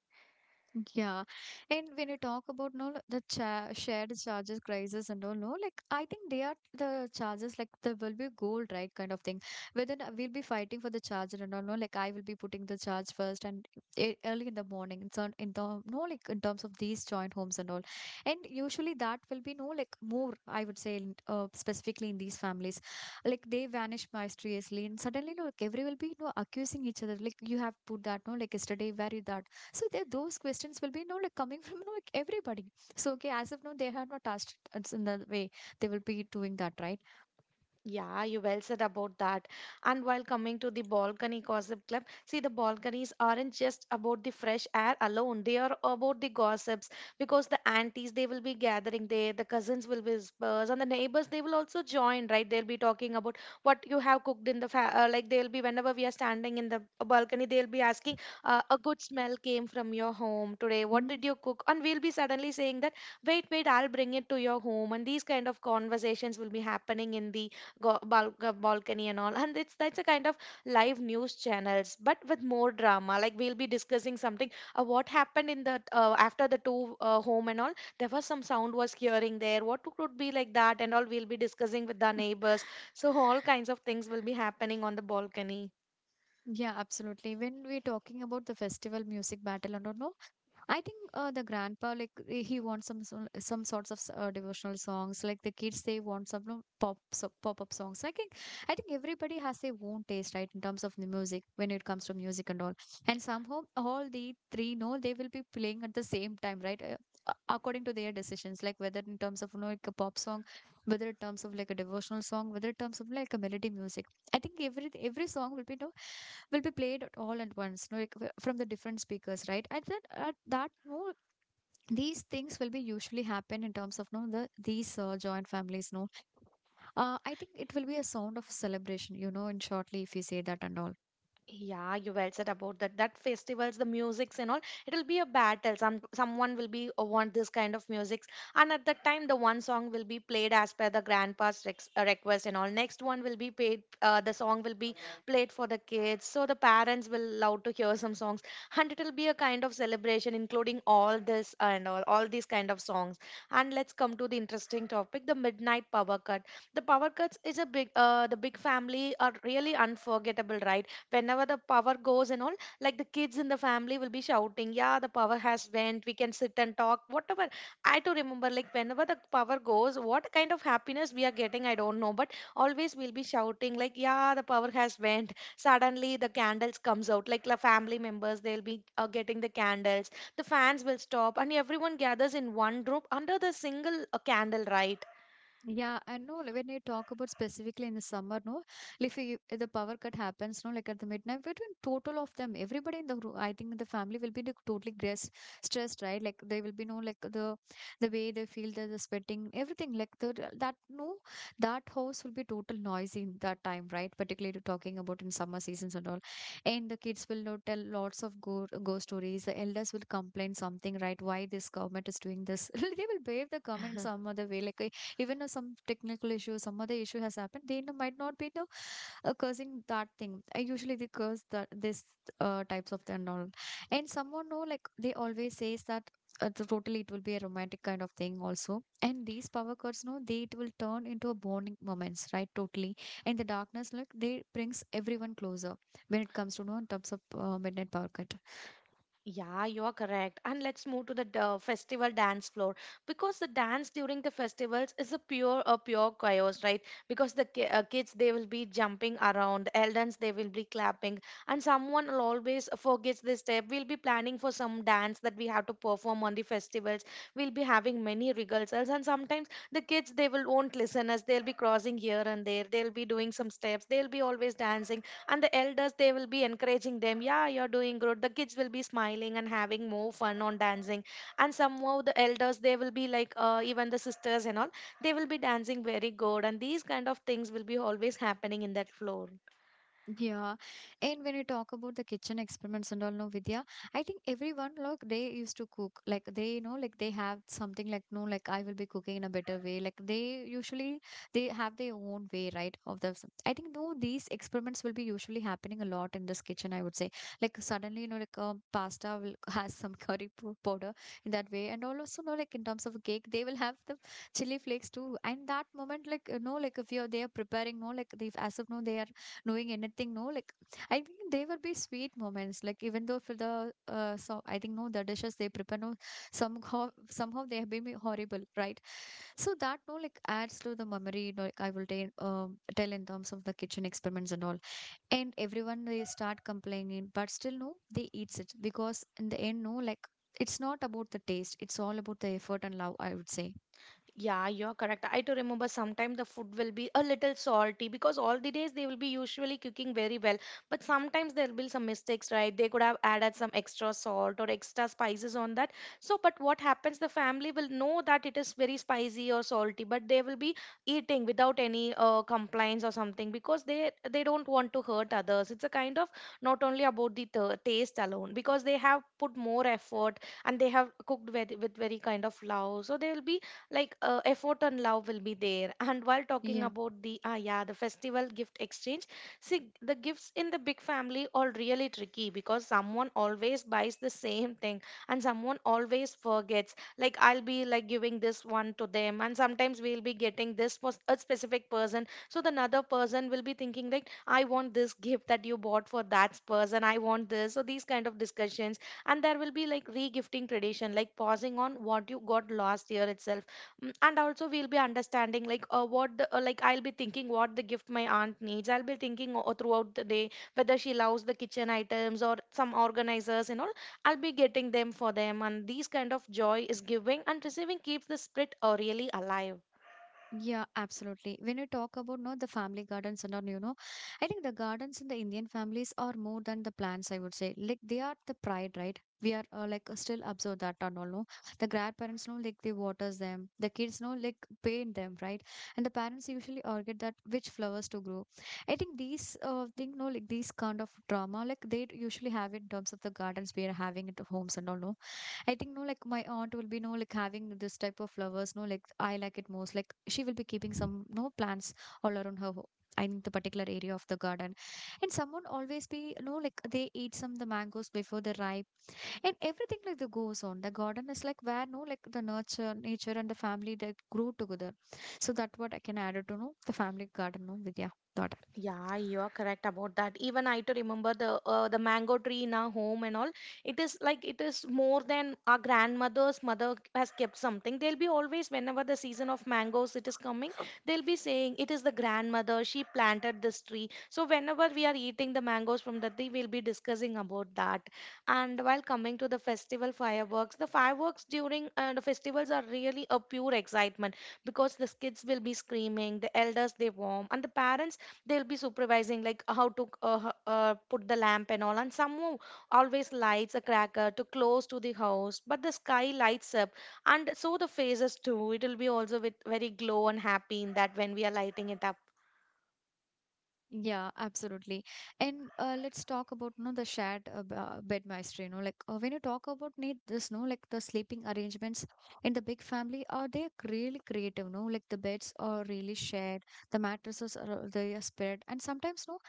Yeah. And when you talk about no the cha shared charges crisis and all, no like I think they are the charges like there will be gold right kind of thing, whether we'll be fighting for the charger and all, no like I will be putting the charge first and early in the morning. So in the no like in terms of these joint homes and all, and usually that will be no like more, I would say, in, specifically in these families, like they vanish mysteriously, and suddenly no, like everyone will be no accusing each other like you have put that no like yesterday where you that. So there, those questions will be, you know, like coming from, you know, like everybody. So okay, as of now, they have not asked it's in the way they will be doing that, right?
Yeah, you well said about that. And while coming to the balcony gossip club, see the balconies aren't just about the fresh air alone. They are about the gossips, because the aunties they will be gathering there, the cousins will whispers, and the neighbors they will also join. Right? They'll be talking about what you have cooked in the fa- like they'll be whenever we are standing in the balcony, they'll be asking, "A good smell came from your home today. What
Hmm.
did you cook?" And we'll be suddenly saying that, "Wait, wait, I'll bring it to your home." And these kind of conversations will be happening in the balcony and all. And it's that's a kind of live news channels but with more drama. Like we'll be discussing something, what happened in the after the two home and all, there was some sound was hearing there. What could be like that and all? We'll be discussing with the neighbors, so all kinds of things will be happening on the balcony.
Yeah, absolutely. When we're talking about the festival music battle, I don't know, I think the grandpa like he wants some some sorts of devotional songs. Like the kids, they want some no, pop up songs. I think everybody has their own taste, right, in terms of the music when it comes to music and all. And somehow all the three know they will be playing at the same time, right? According to their decisions, like whether in terms of, you know, like a pop song, whether in terms of like a devotional song, whether in terms of like a melody music. I think every song will be no will be played at all at once, you know, like from the different speakers, right? At that at that no these things will be usually happen in terms of no the these joint families no I think it will be a sound of celebration, you know, in shortly if we say that and all.
Yeah, you well said about that. That festivals, the musics and all, it'll be a battle. Someone will be want this kind of musics, and at that time, the one song will be played as per the grandpa's request and all. Next one will be paid. The song will be played for the kids, so the parents will love to hear some songs, and it'll be a kind of celebration, including all this and all these kind of songs. And let's come to the interesting topic: the midnight power cut. The power cuts is a big, the big family are really unforgettable, right? Whenever the power goes and all, like the kids in the family will be shouting, "Yeah, the power has went, we can sit and talk whatever." I do remember, like, whenever the power goes, what kind of happiness we are getting, I don't know, but always we'll be shouting like, "Yeah, the power has went." Suddenly the candles comes out. Like the family members, they'll be getting the candles, the fans will stop, and everyone gathers in one room under the single candle, right?
Yeah, I know, like, when you talk about specifically in the summer, no, like, if, you, if the power cut happens, no, like at the midnight, between total of them, everybody in the room, I think the family will be like, totally stress, stressed, right? Like they will be no like the way they feel, the sweating, everything. Like the that no, that house will be total noisy in that time, right? Particularly to talking about in summer seasons and all, and the kids will not tell lots of go ghost stories. The elders will complain something, right? Why this government is doing this? they will wave the government in some other way, like even if some technical issue some other issue has happened they might not be no cursing that thing. I usually they curse that this types of thing and all. And someone know like they always says that totally it will be a romantic kind of thing also. And these power cards no, they it will turn into a bonding moments, right? Totally. And the darkness like they brings everyone closer when it comes to no, in terms of midnight power cut.
Yeah, you are correct. And let's move to the festival dance floor because the dance during the festivals is a pure chaos, right? Because the kids, they will be jumping around, elders they will be clapping, and someone will always forgets this step. We'll be planning for some dance that we have to perform on the festivals. We'll be having many rehearsals, and sometimes the kids they will won't listen us. They'll be crossing here and there. They'll be doing some steps. They'll be always dancing, and the elders they will be encouraging them, "Yeah, you're doing good." The kids will be smiling and having more fun on dancing. And somehow the elders they will be like, even the sisters and all, they will be dancing very good, and these kind of things will be always happening in that floor.
Yeah. And when we talk about the kitchen experiments and all, no, Vidya, I think everyone, look, they used to cook. Like they, like they have something like, no, like I will be cooking in a better way. Like they usually, they have their own way, right? Of the, s- I think, no, these experiments will be usually happening a lot in this kitchen, I would say. Like suddenly, like pasta will has some curry powder in that way. And all also, no, like in terms of cake, they will have the chili flakes too. And that moment, like, like if you're, they are preparing, no, like they, as of now, they are knowing anything, no? Like, I think they will be sweet moments. Like, even though for so I think, no, the dishes they prepare, no, somehow they have been horrible, right? So that, no, like, adds to the memory, no, like, I will tell in terms of the kitchen experiments and all. And everyone, they start complaining, but still, no, they eats it because in the end, no, like, it's not about the taste, it's all about the effort and love, I would say.
Yeah, you're correct. I do remember sometimes the food will be a little salty because all the days they will be usually cooking very well. But sometimes there will be some mistakes, right? They could have added some extra salt or extra spices on that. So, but what happens? The family will know that it is very spicy or salty, but they will be eating without any complaints or something because they don't want to hurt others. It's a kind of not only about the taste alone because they have put more effort and they have cooked with very kind of love. So they will be like, effort and love will be there and while talking
Yeah.
about the ah yeah the festival gift exchange, see the gifts in the big family are really tricky because someone always buys the same thing and someone always forgets, like I'll be like giving this one to them, and sometimes we'll be getting this for a specific person, so the another person will be thinking like, "I want this gift that you bought for that person. I want this." So these kind of discussions, and there will be like regifting tradition, like pausing on what you got last year itself. Mm, and also we'll be understanding like, what the, like I'll be thinking what the gift my aunt needs. I'll be thinking throughout the day whether she loves the kitchen items or some organizers and all. I'll be getting them for them, and these kind of joy is giving and receiving keeps the spirit really alive.
Yeah, absolutely. When you talk about no the family gardens and all, I think the gardens in the Indian families are more than the plants. I would say, like they are the pride, right? We are like still observe that and all. No, the grandparents know like they waters them, the kids know like paint them, right? And the parents usually argue that which flowers to grow. I think these thing no, like these kind of drama like they usually have in terms of the gardens we are having at the homes and all. No, I think no, like my aunt will be no, like having this type of flowers. No, like I like it most. Like she will be keeping some no plants all around her. In the particular area of the garden, and someone always be no like they eat some the mangoes before the ripe, and everything like that goes on. The garden is like where no like the nature and the family that grow together. So that what I can add it to no the family garden, no, Vidya thought.
Yeah, you are correct about that. Even I to remember the mango tree in our home and all. It is like it is more than our grandmother's mother has kept something. They'll be always whenever the season of mangoes it is coming, they'll be saying it is the grandmother. She planted this tree. So whenever we are eating the mangoes from that tree, we'll be discussing about that. And while coming to the festival fireworks, the fireworks during the festivals are really a pure excitement because the kids will be screaming, the elders they warm, and the parents they'll be supervising like how to put the lamp and all, and someone always lights a cracker to close to the house, but the sky lights up, and so the faces too, it'll be also with very glow and happy in that when we are lighting it up.
Yeah, absolutely. And let's talk about no the shared bed master. Like when you talk about need this, no, like the sleeping arrangements in the big family are they really creative? No, like the beds are really shared, the mattresses are they are spread, and sometimes no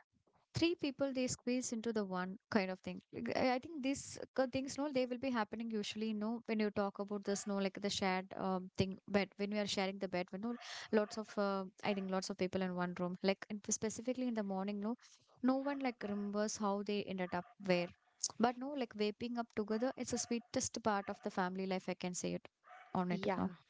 three people they squeeze into the one kind of thing. Like, I think these things no, they will be happening usually no when you talk about this no like the shared thing bed, when we are sharing the bed when no lots of I think lots of people in one room, like specifically in the morning no, no one like remembers how they ended up where, but no like waking up together, it's the sweetest part of the family life, I can say it on it
Yeah.
now.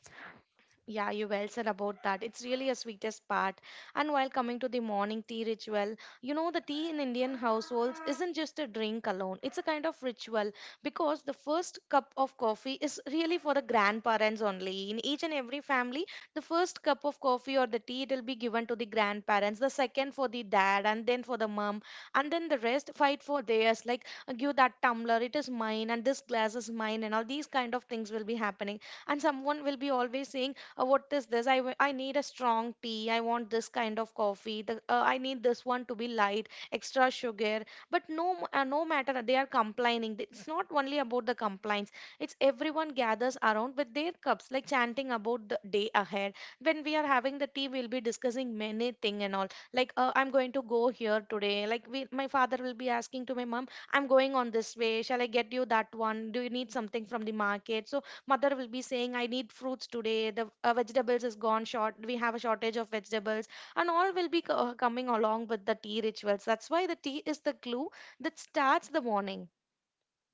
Yeah, you well said about that. It's really a sweetest part. And while coming to the morning tea ritual, you know, the tea in Indian households isn't just a drink alone, it's a kind of ritual because the first cup of coffee is really for the grandparents only. In each and every family, the first cup of coffee or the tea it will be given to the grandparents, the second for the dad, and then for the mom, and then the rest fight for theirs. Like, give that tumbler, it is mine, and this glass is mine, and all these kind of things will be happening. And someone will be always saying, what is this, I need a strong tea. I want this kind of coffee. The, I need this one to be light, extra sugar. But no no matter they are complaining, it's not only about the complaints, it's everyone gathers around with their cups like chanting about the day ahead. When we are having the tea, we'll be discussing many thing and all. Like, I'm going to go here today. Like we, my father will be asking to my mom, "I'm going on this way, shall I get you that one? Do you need something from the market?" So mother will be saying, "I need fruits today, the, vegetables is gone short, we have a shortage of vegetables," and all will be coming along with the tea rituals. That's why the tea is the glue that starts the morning.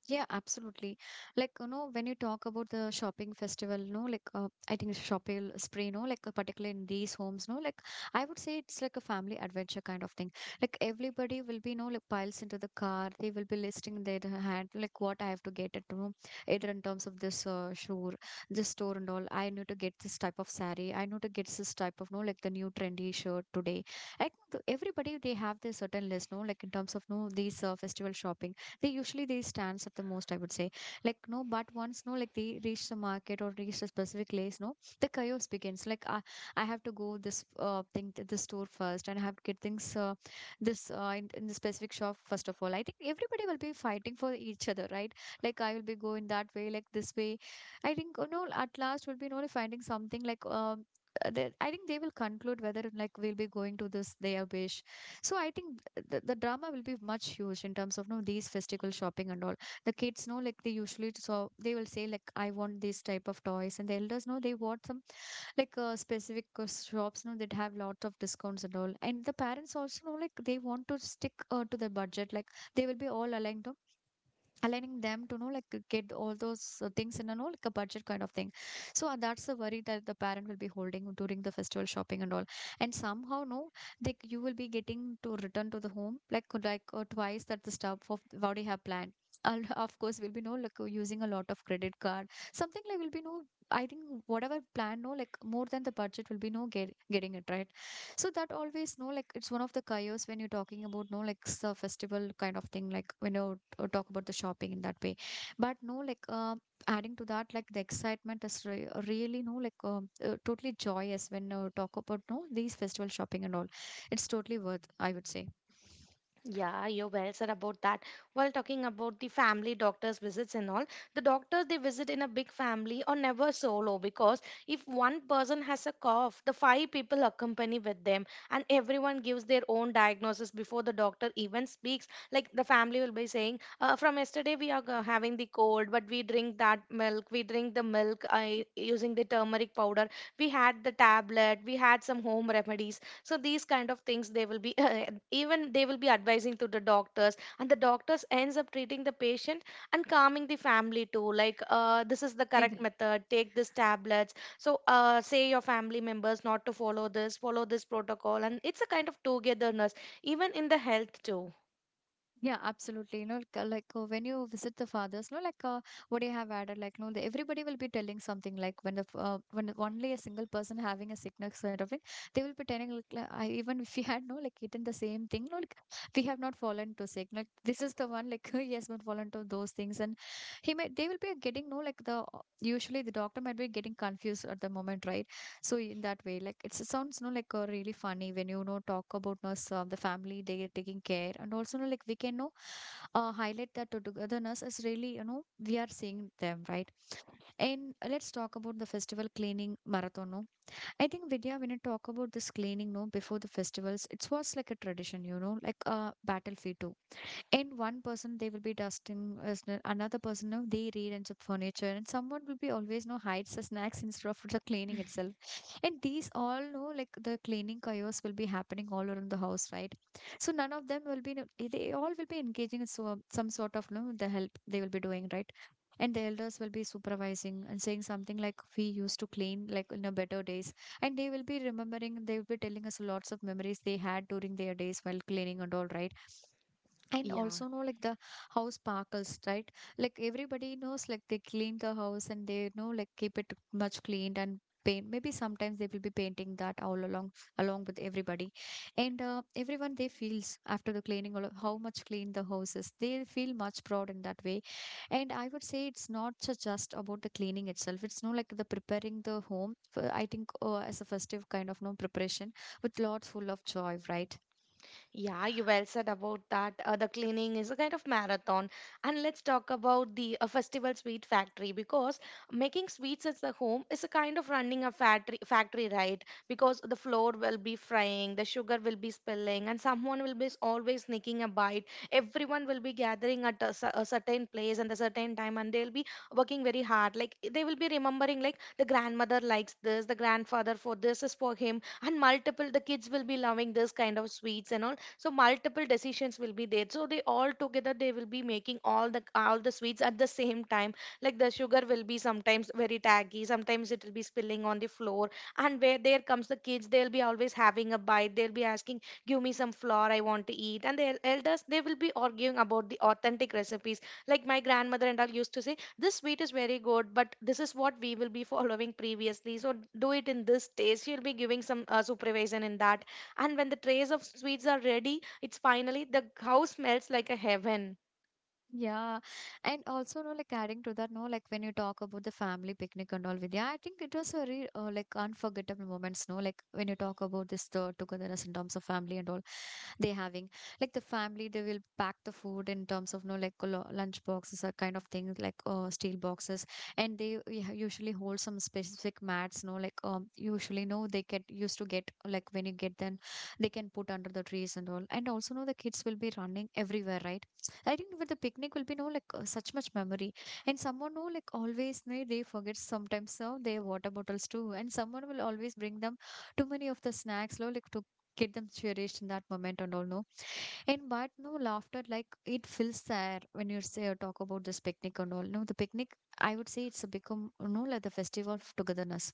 Yeah, absolutely. Like, when you talk about the shopping festival, no, like, I think it's shopping spree, no, like, particularly in these homes, no, like, I would say it's like a family adventure kind of thing. Like, everybody will be, no, like, piles into the car. They will be listing in their hand, like, what I have to get it, no, either in terms of this shoe, this store and all. I need to get this type of sari. I need to get this type of, no, like, the new trendy shirt today. I think everybody, they have their certain list, no, like, in terms of, no, these festival shopping they usually they stands at the most, I would say. Like no, but once no like they reach the market or reach a specific place, no, the chaos begins, like I have to go this thing to the store first, and I have to get things this in the specific shop first of all. I think everybody will be fighting for each other, right? Like I will be going that way, like this way. I think at last we'll be only finding something like I think they will conclude whether like we'll be going to this their wish. So I think the drama will be much huge in terms of no these festival shopping and all. The kids know like they usually so they will say like I want this type of toys, and the elders know they want some like specific shops know that have lots of discounts and all, and the parents also know like they want to stick to the budget, like they will be all aligned aligning them to know like get all those things in a know like a budget kind of thing. So that's the worry that the parent will be holding during the festival shopping and all. And somehow no like you will be getting to return to the home like twice that the stuff of what you have planned. And of course will be no like using a lot of credit card, something like will be no, I think whatever plan no like more than the budget will be no, getting it right. So that always no like it's one of the chaos when you're talking about no like festival kind of thing, like when you're talk about the shopping in that way. But no like adding to that, like the excitement is really no like totally joyous when talk about no these festival shopping and all. It's totally worth, I would say.
Yeah, you're well said about that. While talking about the family doctor's visits and all, the doctors they visit in a big family or never solo because if one person has a cough, the five people accompany with them and everyone gives their own diagnosis before the doctor even speaks. Like the family will be saying, from yesterday we are having the cold, but we drink that milk, we drink the milk using the turmeric powder, we had the tablet, we had some home remedies, so these kind of things they will be even they will be advising to the doctors, and the doctors ends up treating the patient and calming the family too, like, this is the correct
It
method, take these tablets, so say your family members not to follow this, follow this protocol. And it's a kind of togetherness even in the health too.
Yeah, absolutely. Like, when you visit the fathers, no, like what do you have added, like no, everybody will be telling something like when the f- when the- only a single person having a sickness sort of thing, they will be telling like, even if we had no like eaten the same thing, no, like we have not fallen to sick. Like this is the one, like he has not fallen to those things, and he may they will be getting no like the usually the doctor might be getting confused at the moment, right? So in that way, like it sounds no like really funny when talk about us the family they are taking care. And also no like we can know highlight that togetherness is really we are seeing them, right. And let's talk about the festival cleaning marathon. No, I think Vidya when you talk about this cleaning no before the festivals, it was like a tradition you know like battlefield too in one person they will be dusting another person no, they rearrange the furniture and someone will be always no hides the snacks instead of the cleaning itself, and these all know like the cleaning chaos will be happening all around the house right. So none of them will be they all will be engaging in so, some sort of no, the help they will be doing right. And the elders will be supervising and saying something like we used to clean like in a better days, and they will be remembering, they will be telling us lots of memories they had during their days while cleaning and all right. And
Yeah.
also know like the house sparkles right. Like everybody knows like they clean the house and they know like keep it much cleaned and paint, maybe sometimes they will be painting that all along, along with everybody. And everyone they feels after the cleaning all of how much clean the house is, they feel much proud in that way. And I would say it's not just about the cleaning itself, it's no like the preparing the home, I think as a festive kind of no preparation with lots full of joy right.
Yeah, you well said about that. The cleaning is a kind of marathon. And let's talk about the festival sweet factory because making sweets at the home is a kind of running a factory, right? Because the flour will be frying, the sugar will be spilling, and someone will be always sneaking a bite. Everyone will be gathering at a certain place and a certain time, and they'll be working very hard. Like they will be remembering, like the grandmother likes this, the grandfather for this is for him, and multiple the kids will be loving this kind of sweets and all. So multiple decisions will be there, so they all together they will be making all the sweets at the same time. Like the sugar will be sometimes very taggy, sometimes it will be spilling on the floor. And where there comes the kids, they'll be always having a bite. They'll be asking, give me some flour, I want to eat. And the elders, they will be arguing about the authentic recipes. Like my grandmother and all used to say this sweet is very good, but this is what we will be following previously, so do it in this taste. She'll be giving some supervision in that. And when the trays of sweets are ready, it's finally the house smells like a heaven.
Yeah, and also no like adding to that no like when you talk about the family picnic and all Vidya, I think it was a real like unforgettable moments. No, like when you talk about this togetherness in terms of family and all they having like the family they will pack the food in terms of no like lunch boxes or kind of things like steel boxes. And they usually hold some specific mats. No, like usually no they get used to get like when you get them, they can put under the trees and all. And also no the kids will be running everywhere right. I think with the picnic will be no like such much memory, and someone who like always no, they forget sometimes no their water bottles too, and someone will always bring them too many of the snacks, no, like to get them cherished in that moment and all no. And but no laughter like it fills the air when you say or talk about this picnic and all no, the picnic I would say it's a become no like the festival of togetherness.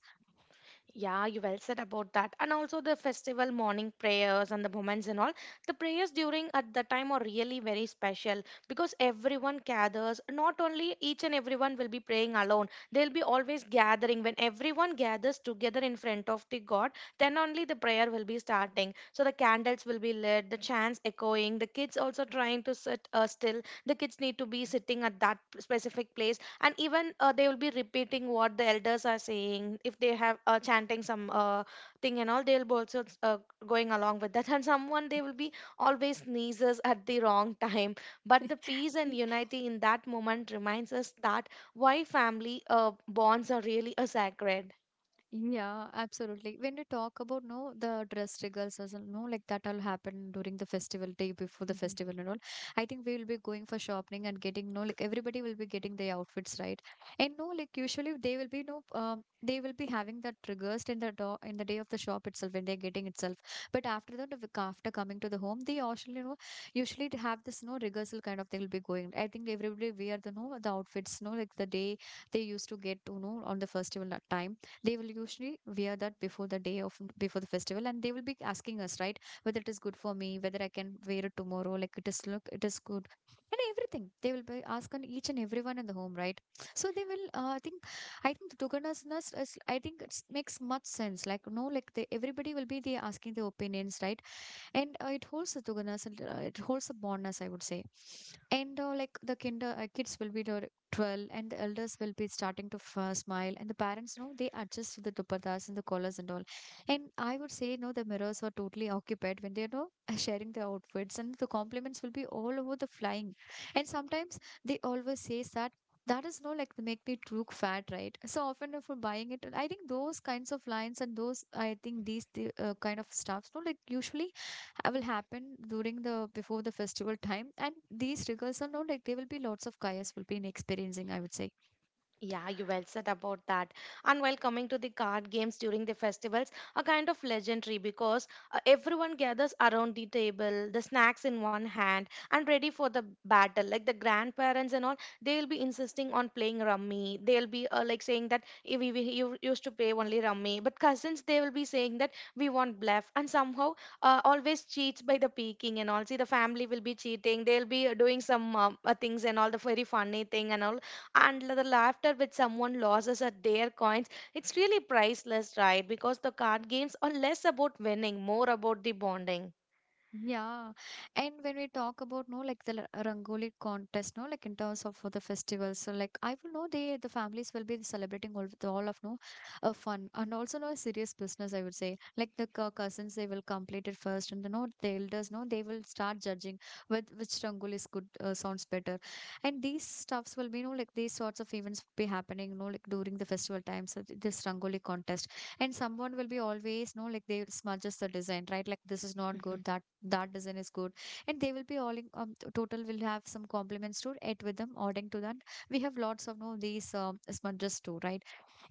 Yeah, you well said about that. And also the festival morning prayers and the moments and all. The prayers during at the time are really very special, because everyone gathers. Not only each and everyone will be praying alone. They'll be always gathering. When everyone gathers together in front of the God, then only the prayer will be starting. So the candles will be lit, the chants echoing, the kids also trying to sit still. The kids need to be sitting at that specific place, and even they will be repeating what the elders are saying. If they have chanting some thing and all, they will be also going along with that. And someone, they will be always sneezes at the wrong time. But the peace and unity in that moment reminds us that why family bonds are really a sacred.
Yeah, absolutely. When we talk about no the dress rehearsals and no like that all happen during the festival day before the
Mm-hmm.
festival and all. I think we will be going for shopping and getting no like everybody will be getting their outfits right. And no like usually they will be no they will be having that rehearsed in the door in the day of the shop itself when they're getting itself. But after that after coming to the home they usually you know usually to have this no rehearsal kind of thing will be going. I think everybody wear the no the outfits no like the day they used to get to know on the festival time, they will usually wear that before the day of before the festival, and they will be asking us right whether it is good for me, whether I can wear it tomorrow, like it is look it is good. And everything they will be asking each and everyone in the home right. So they will I think the togetherness is, I think it makes much sense like no like they, everybody will be they asking their opinions right. And it holds the togetherness and, it holds the bondness I would say. And like the kinder kids will be the 12 and the elders will be starting to smile and the parents no, they adjust to the dupattas and the collars and all. And I would say no the mirrors are totally occupied when they're no sharing their outfits and the compliments will be all over the flying. And sometimes they always says that that is no like they make me look fat right, so often for buying it, I think those kinds of lines and those, I think these kind of stuffs no like usually will happen during the before the festival time, and these triggers are no like there will be lots of chaos will be in experiencing I would say.
Yeah, you well said about that. And while coming to the card games during the festivals, are kind of legendary, because everyone gathers around the table, the snacks in one hand, and ready for the battle. Like the grandparents and all, they'll be insisting on playing rummy. They'll be like saying that, "Eh, we you used to play only rummy," but cousins they will be saying that we want bluff, and somehow always cheats by the peeking and all. See, the family will be cheating. They'll be doing some things and all, the very funny thing and all. And the laughter which someone loses at their coins, it's really priceless, right? Because the card games are less about winning, more about the bonding.
Yeah. And when we talk about no like the Rangoli contest, no, like in terms of for the festivals, so like I will know they the families will be celebrating all with all of no fun and also no serious business, I would say. Like the cousins they will complete it first, and the no the elders no they will start judging with which Rangoli is good sounds better. And these stuffs will be no like these sorts of events be happening, no like during the festival times, so this Rangoli contest. And someone will be always no like they smudges the design right, like this is not good, that that design is good. And they will be all in total will have some compliments to it with them adding to that we have lots of no these smudges too right.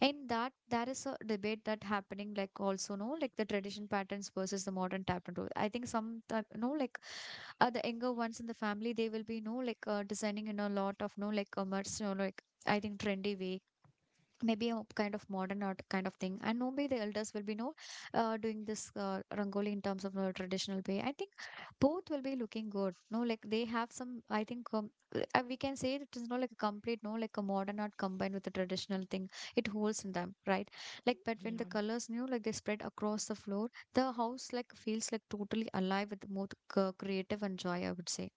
And that there is a debate that happening, like also no like the tradition patterns versus the modern tap and toe. I think some no like the younger ones in the family they will be no like designing in a lot of no like commerce, you know, like I think trendy way, maybe a kind of modern art kind of thing. And maybe the elders will be no doing this rangoli in terms of traditional way I think. Both will be looking good no like they have some I think we can say that it is not like a complete no like a modern art combined with the traditional thing, it holds in them right. Like but when the
Yeah.
colors you know, like they spread across the floor, the house like feels like totally alive with both creative and joy I would say.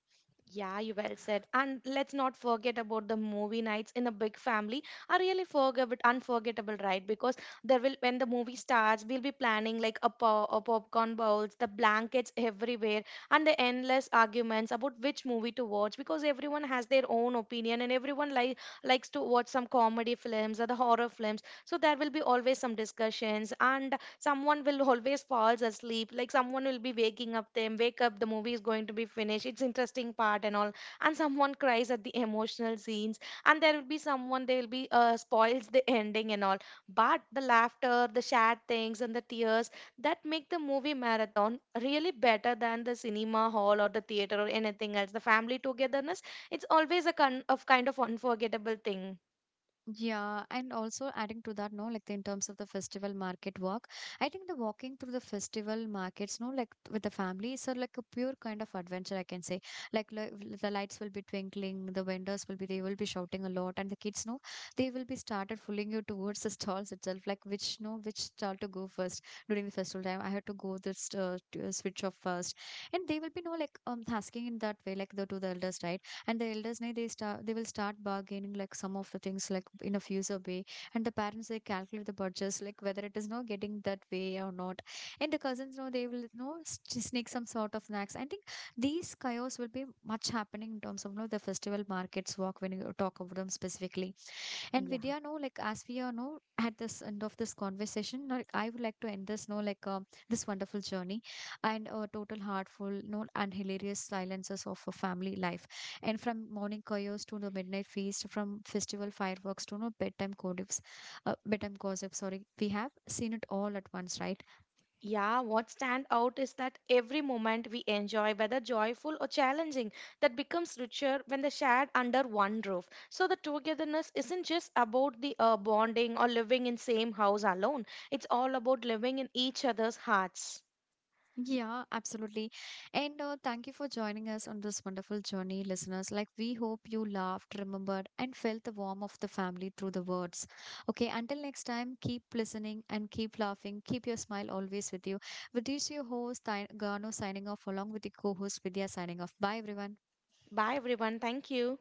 Yeah, you well said. And let's not forget about the movie nights in a big family are really unforgettable, right? Because there will, when the movie starts, we'll be planning like a popcorn bowls, the blankets everywhere, and the endless arguments about which movie to watch, because everyone has their own opinion and everyone like likes to watch some comedy films or the horror films. So there will be always some discussions, and someone will always falls asleep. Like someone will be waking up them, wake up, the movie is going to be finished, it's interesting part and all. And someone cries at the emotional scenes, and there will be someone they will be spoils the ending and all. But the laughter, the shared things, and the tears, that make the movie marathon really better than the cinema hall or the theater or anything else. The family togetherness, it's always a kind of unforgettable thing.
Yeah, and also adding to that, no, like the, in terms of the festival market walk, I think the walking through the festival markets, no, like with the family is a, like a pure kind of adventure, I can say. Like the lights will be twinkling, the vendors will be, they will be shouting a lot, and the kids, no, they will be started pulling you towards the stalls itself, like which, no, which stall to go first during the festival time. I had to go this to, switch off first, and they will be, no, like asking in that way, like the to the elders, right? And the elders nay they start they will start bargaining like some of the things like in a future way. And the parents they calculate the purchase like whether it is not getting that way or not. And the cousins no, they will no sneak some sort of snacks. I think these chaos will be much happening in terms of no the festival markets walk when you talk about them specifically. And Vidya, no, like as we are no at this end of this conversation, like I would like to end this, no, like this wonderful journey and total heartful, no, and hilarious silences of a family life. And from morning chaos to the midnight feast, from festival fireworks to no bedtime gossips, bedtime gossip. Sorry, we have seen it all at once, right?
Yeah, what stand out is that every moment we enjoy, whether joyful or challenging, that becomes richer when they're shared under one roof. So the togetherness isn't just about the bonding or living in same house alone. It's all about living in each other's hearts.
Yeah, absolutely. And thank you for joining us on this wonderful journey, listeners. Like, we hope you laughed, remembered, and felt the warmth of the family through the words. Okay, until next time, keep listening and keep laughing. Keep your smile always with you. With this, your host, Gano, signing off, along with the co host, Vidya, signing off. Bye, everyone.
Bye everyone. Thank you.